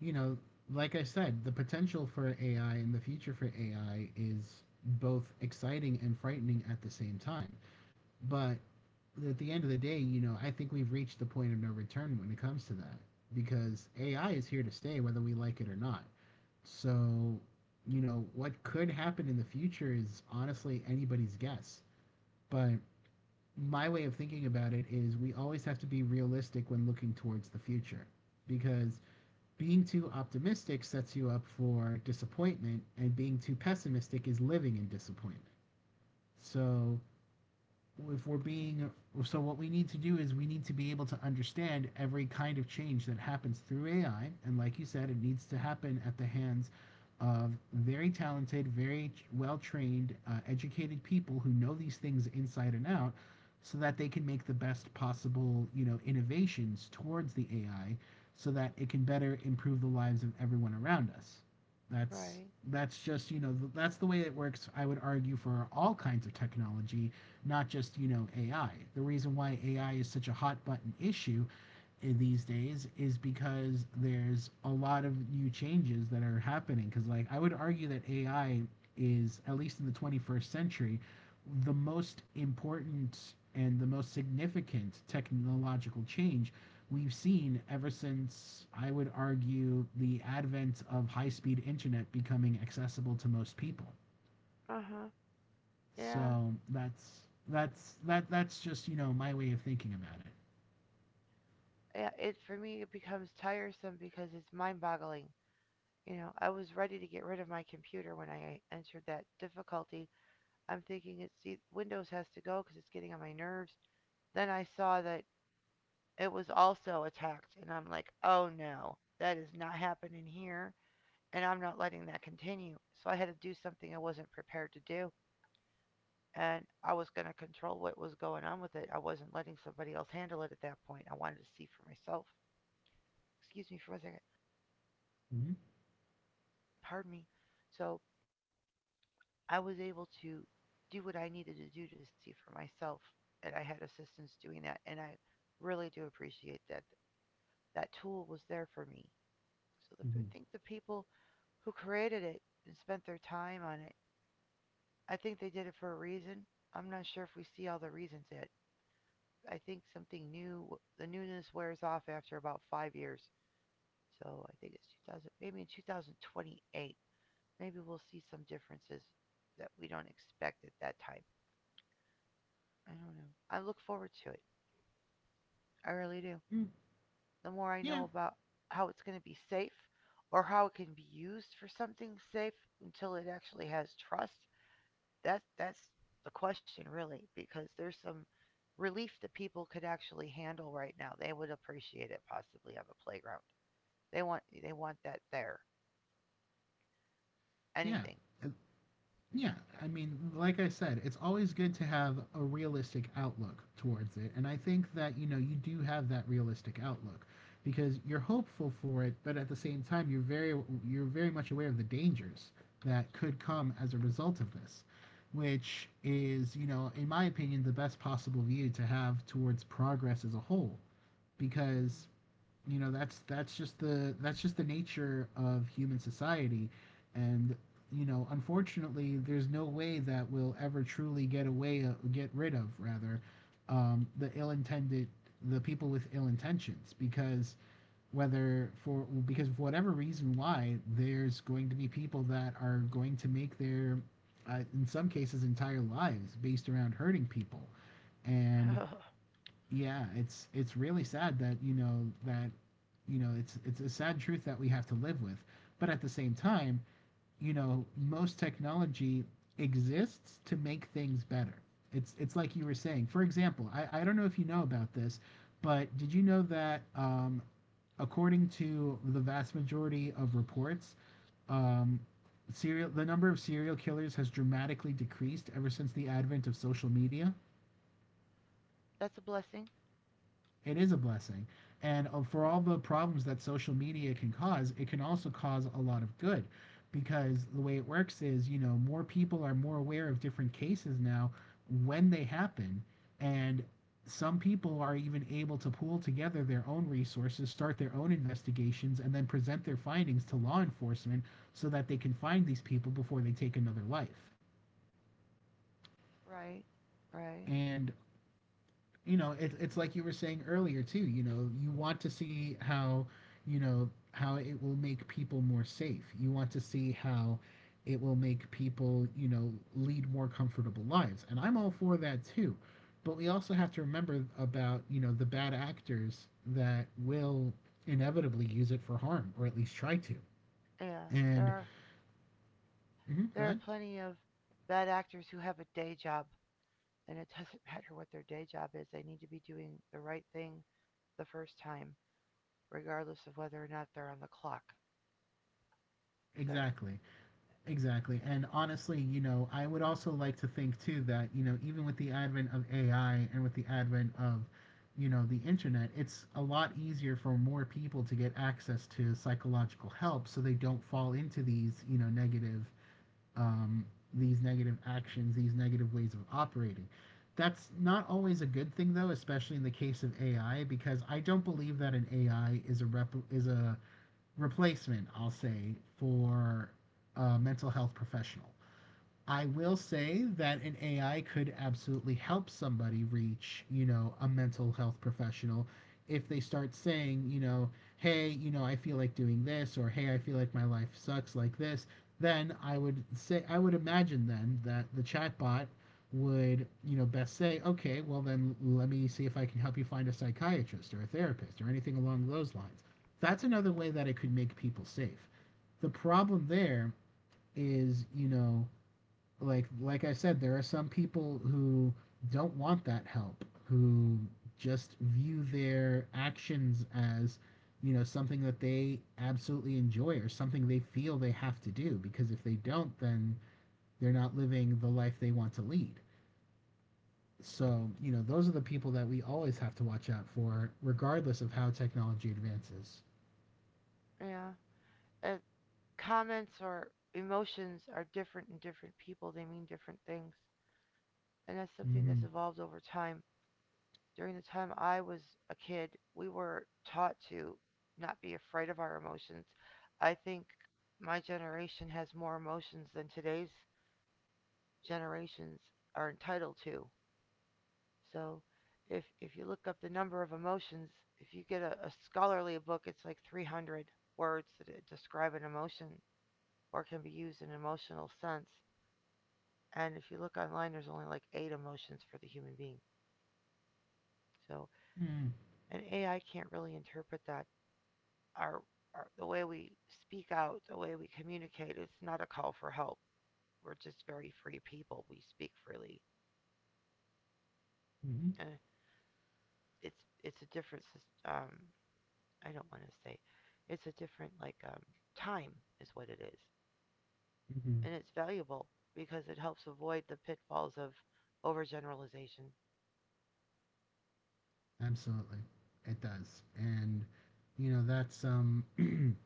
[SPEAKER 2] you know, like I said, the potential for AI and the future for AI is both exciting and frightening at the same time. But at the end of the day, you know, I think we've reached the point of no return when it comes to that because AI is here to stay whether we like it or not. So, you know, what could happen in the future is honestly anybody's guess. But my way of thinking about it is we always have to be realistic when looking towards the future, because being too optimistic sets you up for disappointment and being too pessimistic is living in disappointment. So if we're being so what we need to do is we need to be able to understand every kind of change that happens through AI, and like you said, it needs to happen at the hands of very talented, very well-trained, educated people who know these things inside and out so that they can make the best possible, you know, innovations towards the AI so that it can better improve the lives of everyone around us. That's
[SPEAKER 1] Right.
[SPEAKER 2] that's just, you know, that's the way it works, I would argue, for all kinds of technology, not just, you know, AI. The reason why AI is such a hot button issue in these days is because there's a lot of new changes that are happening. Because, like, I would argue that AI is, at least in the 21st century, the most important and the most significant technological change we've seen ever since, I would argue, the advent of high speed internet becoming accessible to most people.
[SPEAKER 1] Uh huh. Yeah.
[SPEAKER 2] So that's just, you know, my way of thinking about it.
[SPEAKER 1] Yeah. It for me it becomes tiresome because it's mind-boggling. You know, I was ready to get rid of my computer when I entered that difficulty. I'm thinking Windows has to go because it's getting on my nerves. Then I saw that it was also attacked, and I'm like, oh no, that is not happening here, and I'm not letting that continue. So I had to do something I wasn't prepared to do, and I was going to control what was going on with it. I wasn't letting somebody else handle it at that point. I wanted to see for myself. Excuse me for a second.
[SPEAKER 2] Mm-hmm.
[SPEAKER 1] Pardon me. So I was able to do what I needed to do to see for myself, and I had assistance doing that, and I really do appreciate that. That tool was there for me. So I
[SPEAKER 2] Mm-hmm.
[SPEAKER 1] think the people who created it and spent their time on it, I think they did it for a reason. I'm not sure if we see all the reasons yet. I think something new, the newness wears off after about 5 years. So I think it's 2000, maybe in 2028, maybe we'll see some differences that we don't expect at that time. I don't know. I look forward to it. I really do.
[SPEAKER 2] Mm,
[SPEAKER 1] The more I know
[SPEAKER 2] yeah,
[SPEAKER 1] about how it's going to be safe or how it can be used for something safe until it actually has trust, that's the question really because there's some relief that people could actually handle right now. They would appreciate it possibly on the playground. They want that there.
[SPEAKER 2] yeah.
[SPEAKER 1] Anything,
[SPEAKER 2] Yeah,
[SPEAKER 1] you
[SPEAKER 2] I mean, like I said, it's always good to have a realistic outlook towards it. And I think that, you know, you do have that realistic outlook because you're hopeful for it, but at the same time, you're very much aware of the dangers that could come as a result of this, which is, you know, in my opinion, the best possible view to have towards progress as a whole, because, you know, that's just the nature of human society. And, you know, unfortunately, there's no way that we'll ever truly get rid of, rather, the ill-intended the people with ill intentions, because whether for because of whatever reason, why there's going to be people that are going to make their, in some cases, entire lives based around hurting people.
[SPEAKER 1] know.
[SPEAKER 2] And,
[SPEAKER 1] Hmm.
[SPEAKER 2] yeah, it's really sad that, you know, that, you know, it's a sad truth that we have to live with. But at the same time, you know, most technology exists to make things better. It's like you were saying. For example, I don't know if you know about this, but did you know that, according to the vast majority of reports, um serial the number of serial killers has dramatically decreased ever since the advent of social media?
[SPEAKER 1] That's a blessing,
[SPEAKER 2] It is a blessing. And, for all the problems that social media can cause, it can also cause a lot of good, because the way it works is, you know, more people are more aware of different cases now when they happen. And some people are even able to pool together their own resources, start their own investigations, and then present their findings to law enforcement so that they can find these people before they take another life.
[SPEAKER 1] right? Right.
[SPEAKER 2] And, you know, it, it's like you were saying earlier too. You know, you want to see how, you know, how it will make people more safe. You want to see how it will make people, you know, lead more comfortable lives, and I'm all for that too. But we also have to remember about, you know, the bad actors that will inevitably use it for harm, or at least try to.
[SPEAKER 1] Yeah.
[SPEAKER 2] And mhm, go
[SPEAKER 1] There are
[SPEAKER 2] ahead.
[SPEAKER 1] plenty of bad actors who have a day job. And it doesn't matter what their day job is, they need to be doing the right thing the first time, regardless of whether or not they're on the clock. So,
[SPEAKER 2] Exactly. Exactly. And honestly, you know, I would also like to think too that, you know, even with the advent of AI and with the advent of, you know, the internet, it's a lot easier for more people to get access to psychological help so they don't fall into these, you know, negative, um these negative actions, these negative ways of operating. That's not always a good thing though, especially in the case of AI, because I don't believe that an AI is a replacement, I'll say, for a mental health professional. I will say that an AI could absolutely help somebody reach, you know, a mental health professional if they start saying, you know, hey, you know, I feel like doing this, or hey, I feel like my life sucks like this, then I would say, I would imagine then that the chatbot would, you know, best say, okay, well then let me see if I can help you find a psychiatrist or a therapist or anything along those lines. That's another way that it could make people safe. The problem there is, you know, like I said, there are some people who don't want that help, who just view their actions as, you know, something that they absolutely enjoy, or something they feel they have to do because if they don't, then they're not living the life they want to lead. So, you know, those are the people that we always have to watch out for, regardless of how technology advances.
[SPEAKER 1] yeah. Yeah. Comments or emotions are different in different people, they mean different things. And that's something that's
[SPEAKER 2] Mm-hmm.
[SPEAKER 1] evolved over time. During the time I was a kid, we were taught to not be afraid of our emotions. I think my generation has more emotions than today's generations are entitled to. So if you look up the number of emotions, if you get a scholarly book, it's like 300 words that describe an emotion or can be used in an emotional sense. And if you look online, there's only like eight emotions for the human being. So
[SPEAKER 2] Mm-hmm.
[SPEAKER 1] an AI can't really interpret that. Our, our the way we speak out, the way we communicate, it's not a call for help. We're just very free people. We speak freely,
[SPEAKER 2] Mm-hmm.
[SPEAKER 1] and it's it's a different um, I don't want to say. It's a different like time is what it is,
[SPEAKER 2] Mm-hmm.
[SPEAKER 1] and it's valuable because it helps avoid the pitfalls of overgeneralization.
[SPEAKER 2] Absolutely. It does. And, you know, that's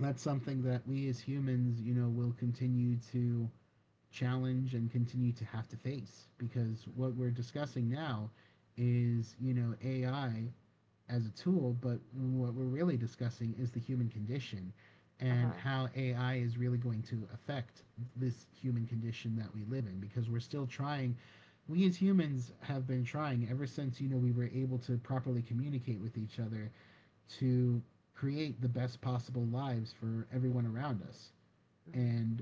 [SPEAKER 2] that's something that we as humans, you know, will continue to challenge and continue to have to face, because what we're discussing now is, you know, AI as a tool, but what we're really discussing is the human condition
[SPEAKER 1] Uh
[SPEAKER 2] and
[SPEAKER 1] huh.
[SPEAKER 2] how AI is really going to affect this human condition that we live in, because we're still trying we as humans have been trying ever since, you know, we were able to properly communicate with each other, to create the best possible lives for everyone around us.
[SPEAKER 1] Hmm.
[SPEAKER 2] And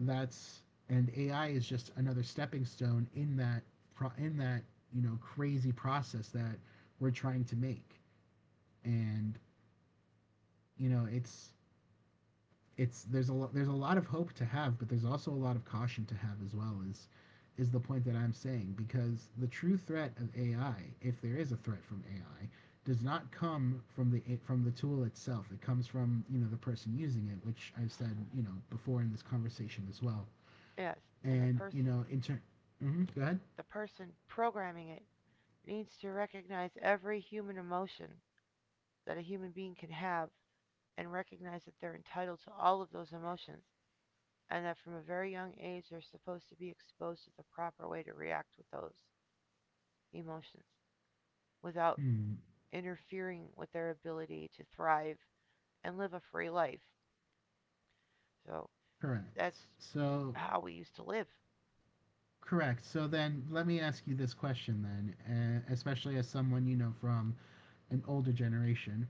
[SPEAKER 2] that's and AI is just another stepping stone in that, you know, crazy process that we're trying to make. And, you know, it's there's a lot of hope to have, but there's also a lot of caution to have as well. Is the point that I'm saying, because the true threat of AI, if there is a threat from AI, does not come from the tool itself. It comes from, you know, the person using it, which I've said, you know, before in this conversation as well.
[SPEAKER 1] Yes, and
[SPEAKER 2] And you know in turn, hmm, go ahead.
[SPEAKER 1] the person programming it needs to recognize every human emotion that a human being can have and recognize that they're entitled to all of those emotions and that from a very young age they're supposed to be exposed to the proper way to react with those emotions without
[SPEAKER 2] Hmm,
[SPEAKER 1] interfering with their ability to thrive and live a free life. So
[SPEAKER 2] correct.
[SPEAKER 1] that's
[SPEAKER 2] So
[SPEAKER 1] how we used to live.
[SPEAKER 2] correct. So then let me ask you this question then, especially as someone, you know, from an older generation.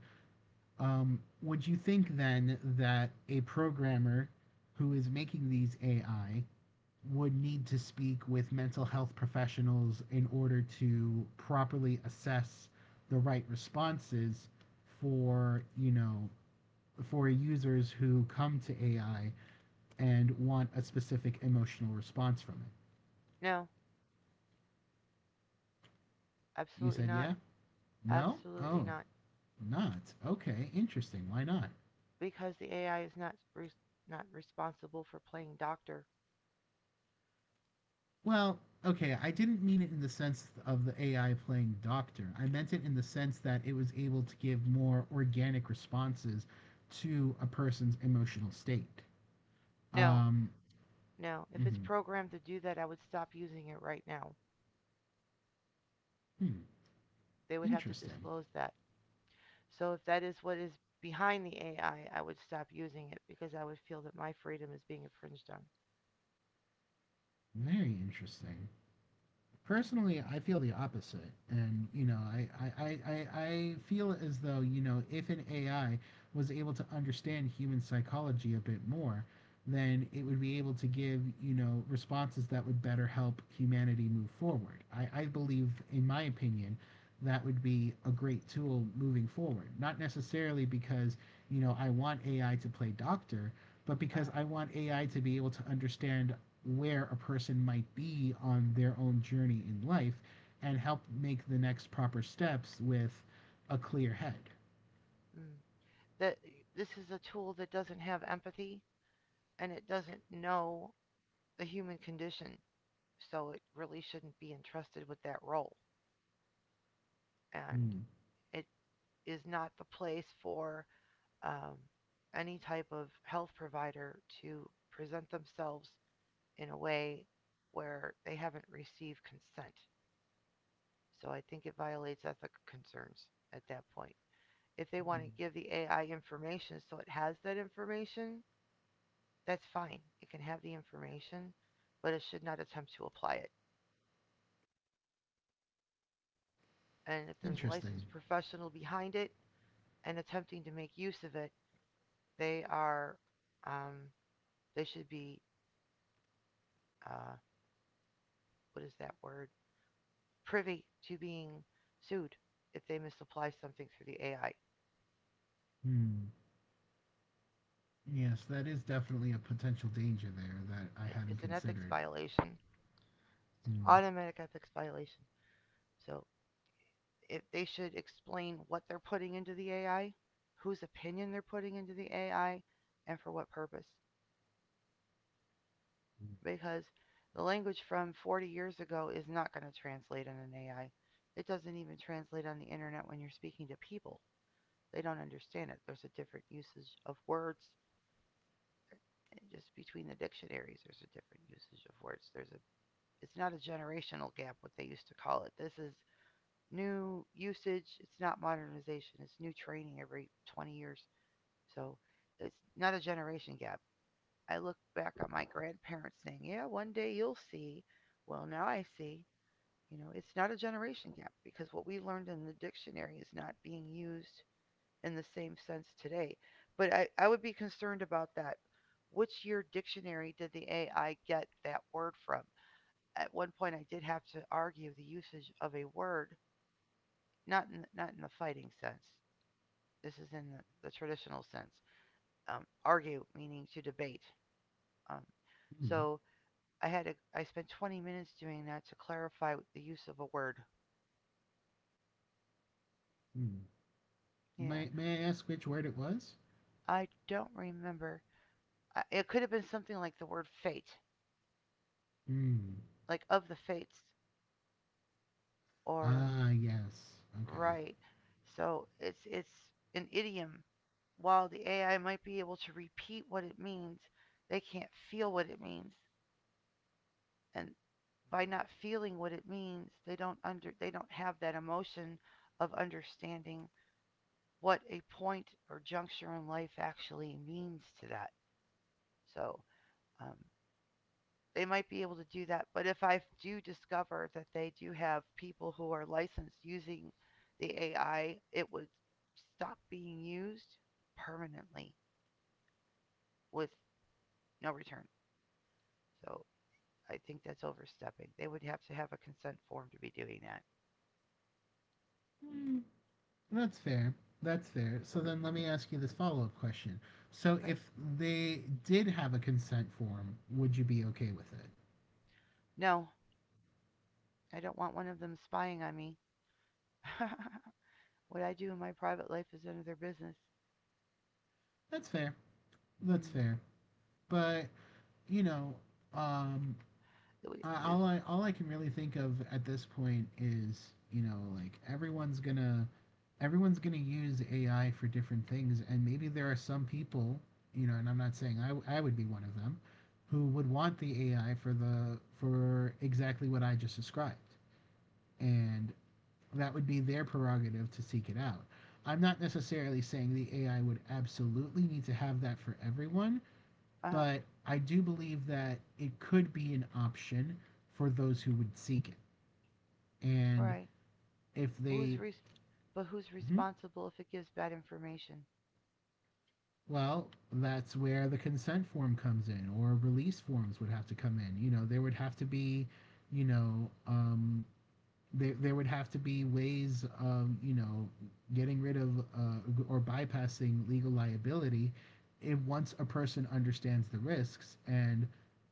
[SPEAKER 2] Would you think then that a programmer who is making these AI would need to speak with mental health professionals in order to properly assess the right responses for, you know, for users who come to AI and want a specific emotional response from it?
[SPEAKER 1] No,
[SPEAKER 2] You
[SPEAKER 1] absolutely
[SPEAKER 2] said
[SPEAKER 1] not.
[SPEAKER 2] yeah? No?
[SPEAKER 1] Absolutely
[SPEAKER 2] Oh,
[SPEAKER 1] not.
[SPEAKER 2] not. Okay, interesting. Why not?
[SPEAKER 1] Because the AI is not responsible for playing doctor.
[SPEAKER 2] Well, okay, I didn't mean it in the sense of the AI playing doctor. I meant it in the sense that it was able to give more organic responses to a person's emotional state.
[SPEAKER 1] No,
[SPEAKER 2] Um,
[SPEAKER 1] no. If it's
[SPEAKER 2] mhm.
[SPEAKER 1] programmed to do that, I would stop using it right now.
[SPEAKER 2] Hmm,
[SPEAKER 1] They would have to
[SPEAKER 2] interesting.
[SPEAKER 1] disclose that. So if that is what is behind the AI, I would stop using it because I would feel that my freedom is being infringed on.
[SPEAKER 2] Very interesting. Personally, I feel the opposite. And, you know, I feel as though, you know, if an AI was able to understand human psychology a bit more, then it would be able to give, you know, responses that would better help humanity move forward. I believe, in my opinion, that would be a great tool moving forward. Not necessarily because, you know, I want AI to play doctor, but because
[SPEAKER 1] Uh-huh.
[SPEAKER 2] I want AI to be able to understand where a person might be on their own journey in life, and help make the next proper steps with a clear head.
[SPEAKER 1] Mm. That this is a tool that doesn't have empathy. And it doesn't know the human condition, so it really shouldn't be entrusted with that role. And
[SPEAKER 2] Mm.
[SPEAKER 1] it is not the place for um, any type of health provider to present themselves in a way where they haven't received consent. So I think it violates ethical concerns at that point. If they want to give the AI information so it has that information, that's fine. It can have the information, but it should not attempt to apply it. And if there's a
[SPEAKER 2] Interesting.
[SPEAKER 1] licensed professional behind it and attempting to make use of it, they are, um, they should be, uh, what is that word, privy to being sued if they misapply something through the AI.
[SPEAKER 2] Mm. Yes, that is definitely a potential danger there that I hadn't
[SPEAKER 1] It's an ethics
[SPEAKER 2] considered.
[SPEAKER 1] violation. It's an
[SPEAKER 2] Mm.
[SPEAKER 1] automatic ethics violation. So if they should explain what they're putting into the AI, whose opinion they're putting into the AI, and for what purpose. Because the language from 40 years ago is not going to translate in an AI. It doesn't even translate on the internet when you're speaking to people. They don't understand it. There's a different usage of words. And just between the dictionaries, there's a different usage of words. There's a, it's not a generational gap, what they used to call it. This is new usage. It's not modernization. It's new training every 20 years. So it's not a generation gap. I look back at my grandparents saying, "Yeah, one day you'll see." Well, now I see. You know, it's not a generation gap because what we learned in the dictionary is not being used in the same sense today. But I would be concerned about that. Which year dictionary did the AI get that word from? At one point, I did have to argue the usage of a word, not in the fighting sense. This is in the traditional sense. Argue meaning to debate. Um,
[SPEAKER 2] Mm.
[SPEAKER 1] so I had a, I spent 20 minutes doing that to clarify the use of a word.
[SPEAKER 2] Mm.
[SPEAKER 1] Yeah,
[SPEAKER 2] May I ask which word it was?
[SPEAKER 1] I don't remember. It could have been something like the word fate,
[SPEAKER 2] Mm.
[SPEAKER 1] like of the fates, or
[SPEAKER 2] Ah, yes. Okay.
[SPEAKER 1] right. So it's an idiom. While the AI might be able to repeat what it means, they can't feel what it means, and by not feeling what it means, they don't have that emotion of understanding what a point or juncture in life actually means to that. So, um, they might be able to do that. But if I do discover that they do have people who are licensed using the AI, it would stop being used permanently with no return. So I think that's overstepping. They would have to have a consent form to be doing that.
[SPEAKER 2] Mm. That's fair. That's fair. So then let me ask you this follow-up question. So
[SPEAKER 1] Okay.
[SPEAKER 2] if they did have a consent form, would you be okay with it?
[SPEAKER 1] No, I don't want one of them spying on me. What I do in my private life is none of their business.
[SPEAKER 2] That's fair. That's
[SPEAKER 1] Hmm.
[SPEAKER 2] fair. But, you know, um all I can really think of at this point is, you know, like everyone's going to use AI for different things, and maybe there are some people, you know, and I'm not saying I would be one of them, who would want the AI for the for exactly what I just described. And that would be their prerogative to seek it out. I'm not necessarily saying the AI would absolutely need to have that for everyone,
[SPEAKER 1] Uh huh.
[SPEAKER 2] but I do believe that it could be an option for those who would seek it. And
[SPEAKER 1] Right.
[SPEAKER 2] if
[SPEAKER 1] Who's
[SPEAKER 2] they,
[SPEAKER 1] res- but who's
[SPEAKER 2] mhm.
[SPEAKER 1] responsible if it gives bad information?
[SPEAKER 2] Well, that's where the consent form comes in, or release forms would have to come in. You know, there would have to be, you know, there, there would have to be ways of, you know, getting rid of, or bypassing legal liability, if once a person understands the risks and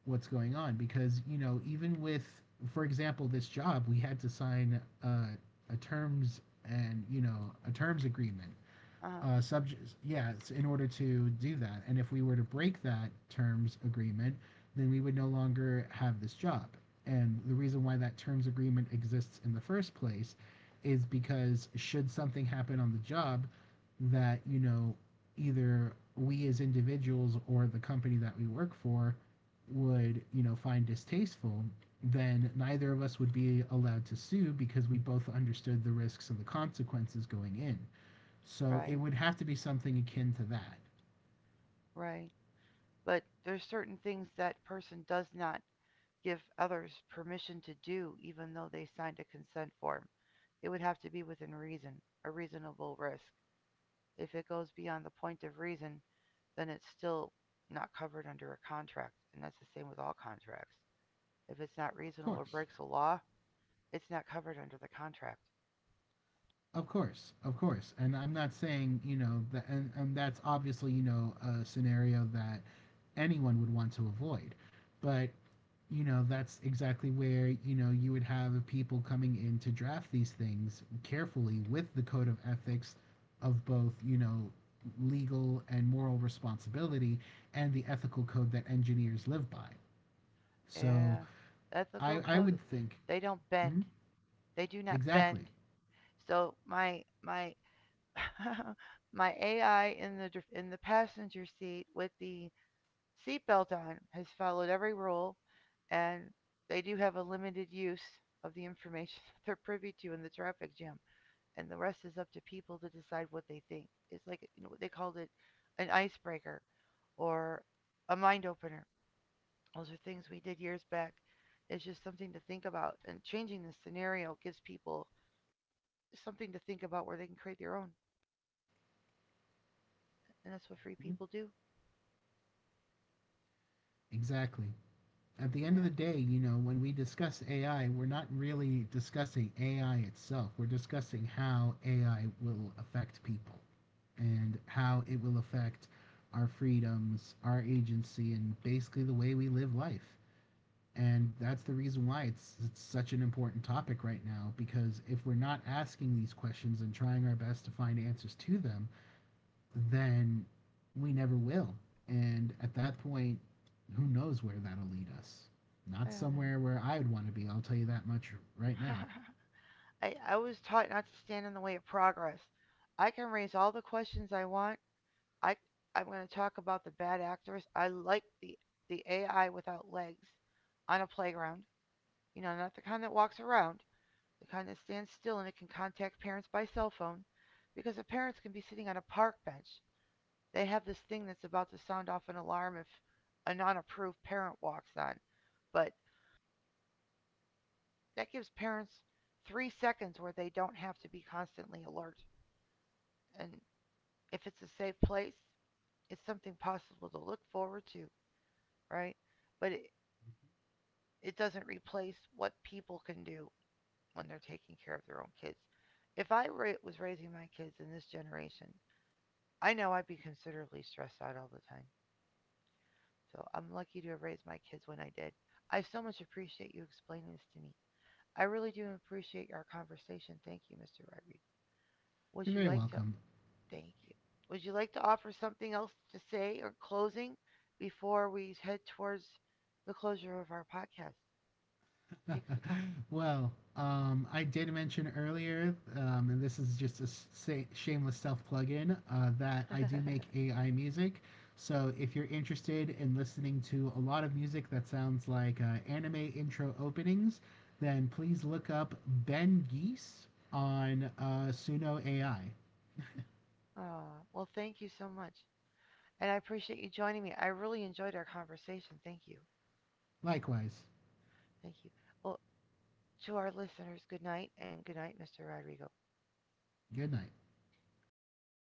[SPEAKER 2] what's going on, because you know, even with, for example, this job, we had to sign, a terms, and, you know, a terms agreement,
[SPEAKER 1] Uh huh.
[SPEAKER 2] subject, yeah, it's in order to do that. And if we were to break that terms agreement, then we would no longer have this job. And the reason why that terms agreement exists in the first place is because should something happen on the job that, you know, either we as individuals or the company that we work for would, you know, find distasteful, then neither of us would be allowed to sue because we both understood the risks and the consequences going in. So it
[SPEAKER 1] Right,
[SPEAKER 2] would have to be something akin to that.
[SPEAKER 1] right. But there's certain things that person does not give others permission to do, even though they signed a consent form. It would have to be within reason, a reasonable risk. If it goes beyond the point of reason, then it's still not covered under a contract, and that's the same with all contracts. If it's not
[SPEAKER 2] Of
[SPEAKER 1] reasonable or
[SPEAKER 2] course.
[SPEAKER 1] breaks the law, it's not covered under the contract.
[SPEAKER 2] Of course. Of course. And I'm not saying, you know, that, and that's obviously, you know, a scenario that anyone would want to avoid. But, you know, that's exactly where, you know, you would have people coming in to draft these things carefully with the code of ethics of both, you know, legal and moral responsibility, and the ethical code that engineers live by. So
[SPEAKER 1] Yeah, the ethical
[SPEAKER 2] I would
[SPEAKER 1] code,
[SPEAKER 2] think.
[SPEAKER 1] they don't
[SPEAKER 2] Mhm.
[SPEAKER 1] bend. They do not
[SPEAKER 2] Exactly.
[SPEAKER 1] bend. So my my AI in the passenger seat with the seatbelt on has followed every rule, and they do have a limited use of the information that they're privy to in the traffic jam, and the rest is up to people to decide what they think. It's like, you know, they called it an icebreaker, or a mind opener. Those are things we did years back. It's just something to think about, and changing the scenario gives people something to think about where they can create their own, and that's what free people do.
[SPEAKER 2] Exactly. At the end of the
[SPEAKER 1] Yeah.
[SPEAKER 2] day, you know, when we discuss AI, we're not really discussing AI itself. We're discussing how AI will affect people, and how it will affect our freedoms, our agency, and basically the way we live life. And that's the reason why it's such an important topic right now, because if we're not asking these questions and trying our best to find answers to them, then we never will. And at that point, who knows where that'll lead us?
[SPEAKER 1] I
[SPEAKER 2] Not
[SPEAKER 1] don't
[SPEAKER 2] somewhere where I would want to be, I'll tell you that much right
[SPEAKER 1] know.
[SPEAKER 2] now.
[SPEAKER 1] I was taught not to stand in the way of progress. I can raise all the questions I want. I, I'm going to talk about the bad actors. I like the AI without legs on a playground. You know, not the kind that walks around, the kind that stands still and it can contact parents by cell phone because the parents can be sitting on a park bench. They have this thing that's about to sound off an alarm if a non-approved parent walks on. But that gives parents 3 seconds where they don't have to be constantly alert. And if it's a safe place, it's something possible to look forward to, right? But it doesn't replace what people can do when they're taking care of their own kids. If was raising my kids in this generation, I know I'd be considerably stressed out all the time. So I'm lucky to have raised my kids when I did. I so much appreciate you explaining this to me. I really do appreciate our conversation. Thank you, Mr. Rodriguez.
[SPEAKER 2] You're
[SPEAKER 1] Would you
[SPEAKER 2] very
[SPEAKER 1] like to...
[SPEAKER 2] welcome.
[SPEAKER 1] Thank you. Would you like to offer something else to say or closing before we head towards the closure of our podcast? Takes the
[SPEAKER 2] Well, I did mention earlier, and this is just a shameless self plug-in, that I do make
[SPEAKER 1] time.
[SPEAKER 2] AI music. So if you're interested in listening to a lot of music that sounds like, anime intro openings, then please look up Ben Geese on, Suno AI.
[SPEAKER 1] Aw, well, thank you so much. And I appreciate you joining me. I really enjoyed our conversation. Thank you.
[SPEAKER 2] Likewise,
[SPEAKER 1] Thank you. Well, to our listeners, good night, and good night, Mr. Rodrigo.
[SPEAKER 2] good night.